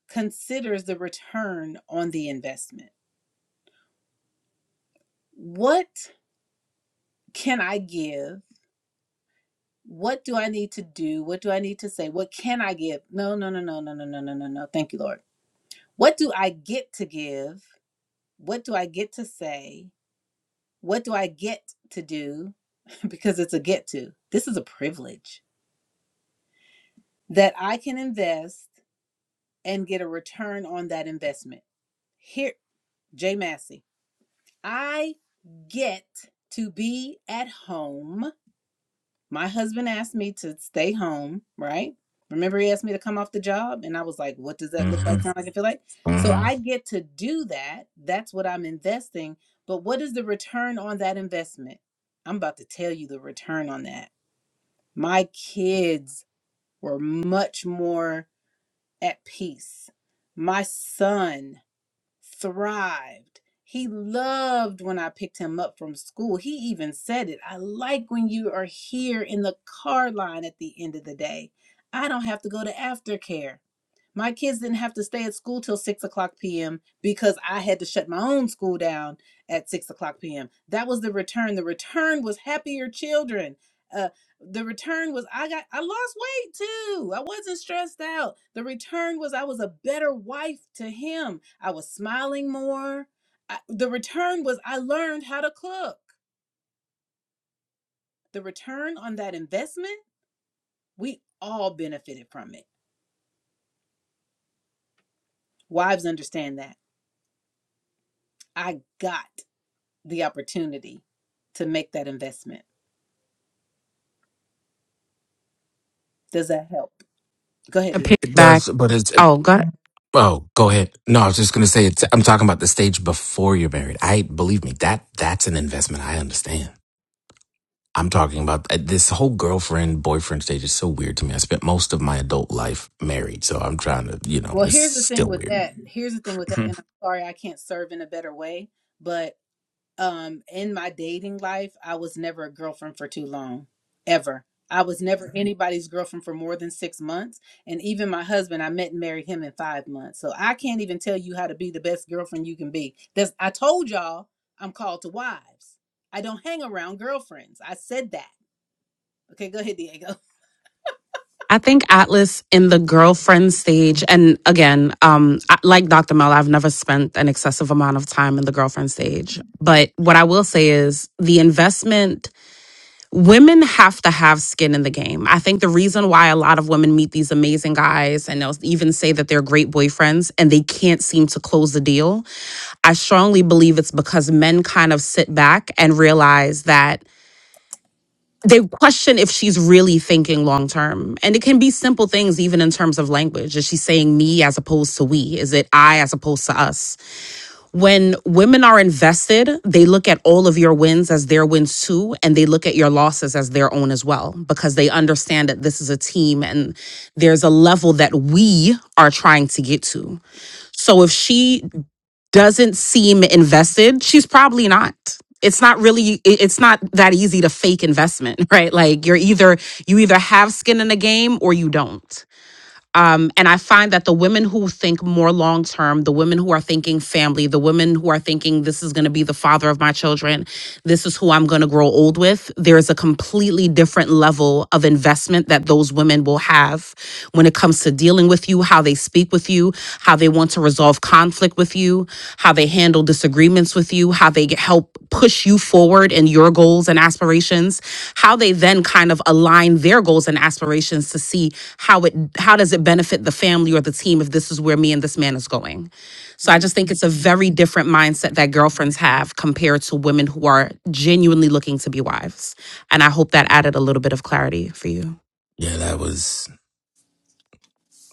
S1: considers the return on the investment. What can I give? What do I need to do? What do I need to say? What can I give? No, no, no, no, no, no, no, no, no, no. Thank you, Lord. What do I get to give? What do I get to say? What do I get to do? Because it's a get to. This is a privilege that I can invest and get a return on that investment. Here, Jay Massey, I get to be at home. My husband asked me to stay home, right? Remember, he asked me to come off the job, and I was like, What does that look
S6: hmm
S1: like? Sound like, and feel like? So
S6: hmm
S1: I get to do that. That's what I'm investing. But what is the return on that investment? I'm about to tell you the return on that. my kids were much more at peace. My son thrived. He loved when I picked him up from school. He even said it. I like when you are here in the car line at the end of the day. I don't have to go to aftercare. My kids didn't have to stay at school till six o'clock p.m. because I had to shut my own school down at six o'clock p.m. That was the return. The return was happier children. Uh, the return was I got I lost weight too. I wasn't stressed out. The return was I was a better wife to him. I was smiling more. I, the return was I learned how to cook. The return on that investment, we all benefited from it. Wives understand that. I got. the opportunity to make that investment. Does that help? Go ahead,
S10: a
S1: Diego.
S6: It
S10: piggyback.
S6: does, but it's,
S10: Oh God,
S6: oh, go ahead. No, I was just going to say, it's, I'm talking about the stage before you're married. I, believe me, that, that's an investment I understand. I'm talking about uh, this whole girlfriend boyfriend stage is so weird to me. I spent most of my adult life married, so I'm trying to, you know,
S1: Well,
S6: it's
S1: here's the thing
S6: still
S1: with
S6: weird.
S1: that. Mhm. Here's the thing with that,
S6: Mhm.
S1: and I'm sorry I can't serve in a better way, but um in my dating life, I was never a girlfriend for too long, ever. I was never Mhm. anybody's girlfriend for more than six months. And even my husband, I met and married him in five months. So I can't even tell you how to be the best girlfriend you can be. That's I told y'all I'm called to wives. I don't hang around girlfriends. I said that. Okay, go ahead, Diego.
S10: I think Atlas in the girlfriend stage, and again, um, I- like Dr. Mel, I've never spent an excessive amount of time in the girlfriend stage. But what I will say is the investment women have to have skin in the game. I think the reason why a lot of women meet these amazing guys and they'll even say that they're great boyfriends and they can't seem to close the deal, I strongly believe it's because men kind of sit back and realize that they question if she's really thinking long term. And it can be simple things, even in terms of language. Is she saying me as opposed to we? Is it I as opposed to us? When women are invested, they look at all of your wins as their wins too, and they look at your losses as their own as well, because they understand that this is a team and there's a level that we are trying to get to. So if she doesn't seem invested, she's probably not. It's not really, it- it's not that easy to fake investment, right? Like you're either, you either have skin in the game or you don't. Um, and I find that the women who think more long term, the women who are thinking family, the women who are thinking this is going to be the father of my children, this is who I'm going to grow old with, there's a completely different level of investment that those women will have when it comes to dealing with you, how they speak with you with you, how they want to resolve conflict with you, how they handle disagreements with you, how they help push you forward in your goals and aspirations, how they then kind of align their goals and aspirations to see how it how does it benefit the family or the team if this is where me and this man is going. So I just think it's a very different mindset that girlfriends
S1: And
S10: have compared to women who are genuinely looking to be wives. And I hope that added a little bit of clarity for you.
S6: yeah, that was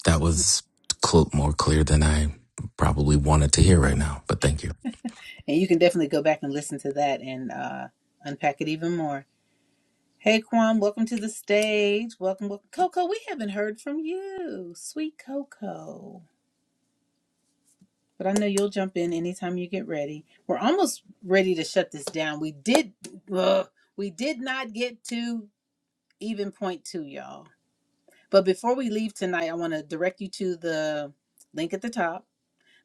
S6: that was cl- more clear than I probably wanted to hear right now. But thank you.
S1: you can definitely go back and listen to that and uh, unpack it even more. Hey, Kwam, welcome to the stage. Welcome, welcome. Coco, we haven't heard from you. Sweet Coco. But I know you'll jump in anytime you get ready. We're almost ready to shut this down. We did, ugh, we did not get to even point two, y'all. But before we leave tonight, I want to direct you to the link at the top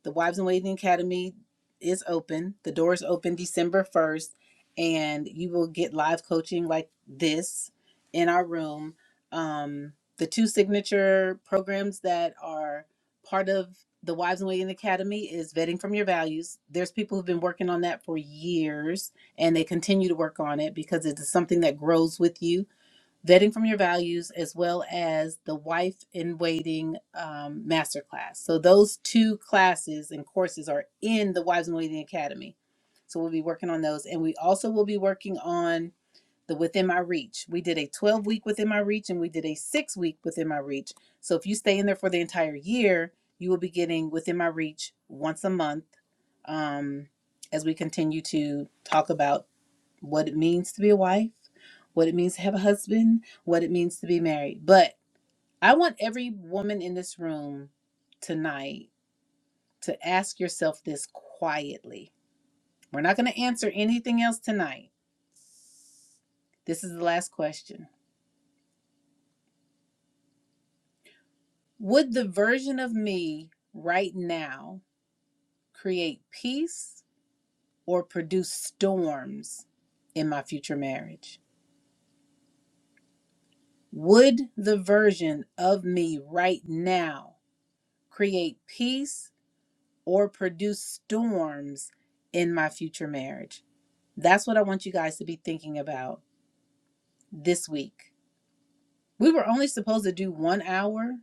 S1: The Wives in Waiting Academy is open. The doors open December 1st, and you will get live coaching like this in our room. Um, the two signature programs that are part of the Wives in Waiting Academy is Vetting from Your Values. There's people who've been working on that for years, and they continue to work on it because it is something that grows with you vetting from your values as well as the wife in waiting um, masterclass so those two classes and courses are in the wives in waiting academy so we'll be working on those and we also will be working on the within my reach we did a 12 week within my reach and we did a six week within my reach so if you stay in there for the entire year you will be getting within my reach once a month um, as we continue to talk about what it means to be a wife, what it means to have a husband, what it means to be married. But I want every woman in this room tonight to ask yourself this quietly. We're not going to answer anything else tonight. This is the last question. Would the version of me right now create peace or produce storms in my future marriage? Would the version of me right now create peace, or produce storms in my future marriage? That's what I want you guys to be thinking about this week. We were only supposed to do one hour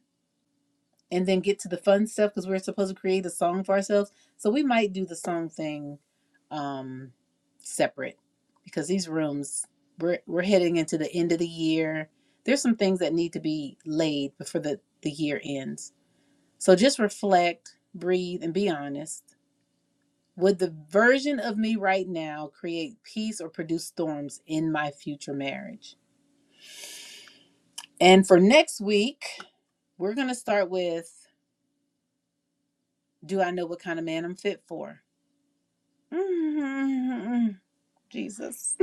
S1: and then get to the fun stuff because we are supposed to create a song for ourselves. So we might do the song thing um, separate because these rooms, we're, we're heading into the end of the year. There's some things that need to be laid before the, the year ends. So just reflect, breathe, and be honest Would the version of me right now create peace or produce storms in my future marriage? And for next week, we're going to start with Do I know what kind of man I'm fit for? Mm-hmm. Jesus.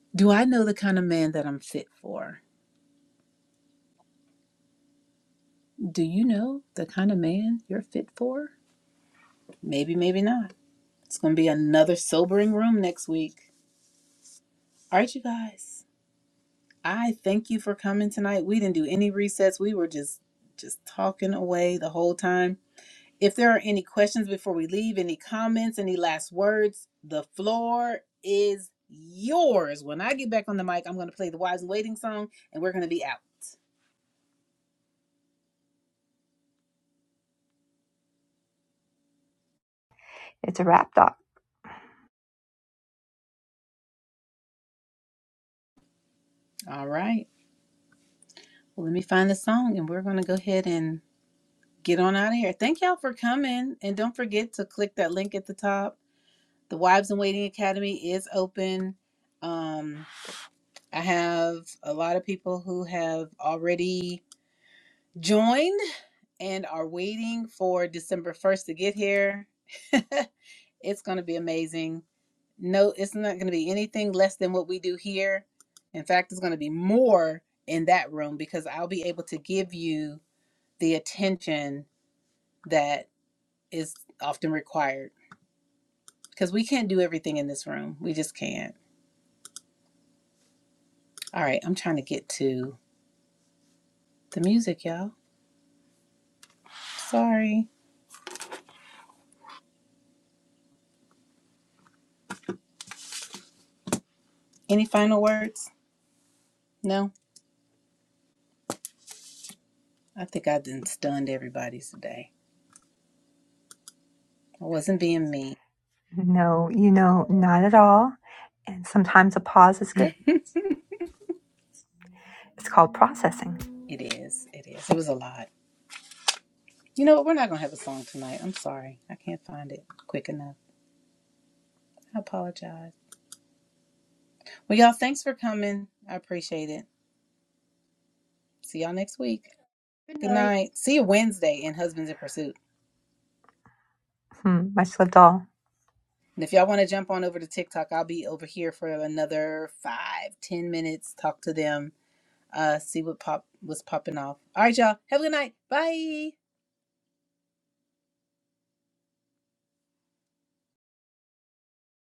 S1: Do I know the kind of man that I'm fit for? Do you know the kind of man you're fit for? Maybe, maybe not. It's going to be another sobering room next week. All right, you guys. I thank you for coming tonight. We didn't do any resets. We were just just talking away the whole time. If there are any questions before we leave, any comments, any last words, the floor is yours. When I get back on the mic, I'm going to play the Wives in Waiting song and we're going to be out.
S4: It's a wrap, doc.
S1: All right. Well, let me find the song and we're going to go ahead and get on out of here. Thank y'all for coming. And don't forget to click that link at the top. The Wives in Waiting Academy is open. Um, I have a lot of people who have already joined and are waiting for December 1st to get here. it's going to be amazing. No, it's not going to be anything less than what we do here. In fact, it's going to be more in that room because I'll be able to give you the attention that is often required because we can't do everything in this room. We just can't. All right, I'm trying to get to the music, y'all. Sorry. Any final words? No? I think I done stunned everybody today. I wasn't being mean.
S4: No, you know, not at all. And sometimes a pause is good. It's called processing.
S1: It is. It is. It was a lot. You know what? We're not going to have a song tonight. I'm sorry. I can't find it quick enough. I apologize. Well, y'all, thanks for coming. I appreciate it. See y'all next week. Good night. See you Wednesday in Husbands in Pursuit.
S4: Hmm, much lived all.
S1: And if y'all want to jump on over to TikTok, I'll be over here for another five, ten minutes. Talk to them. Uh, see what pop was popping off. All right, y'all. Have a good night. Bye.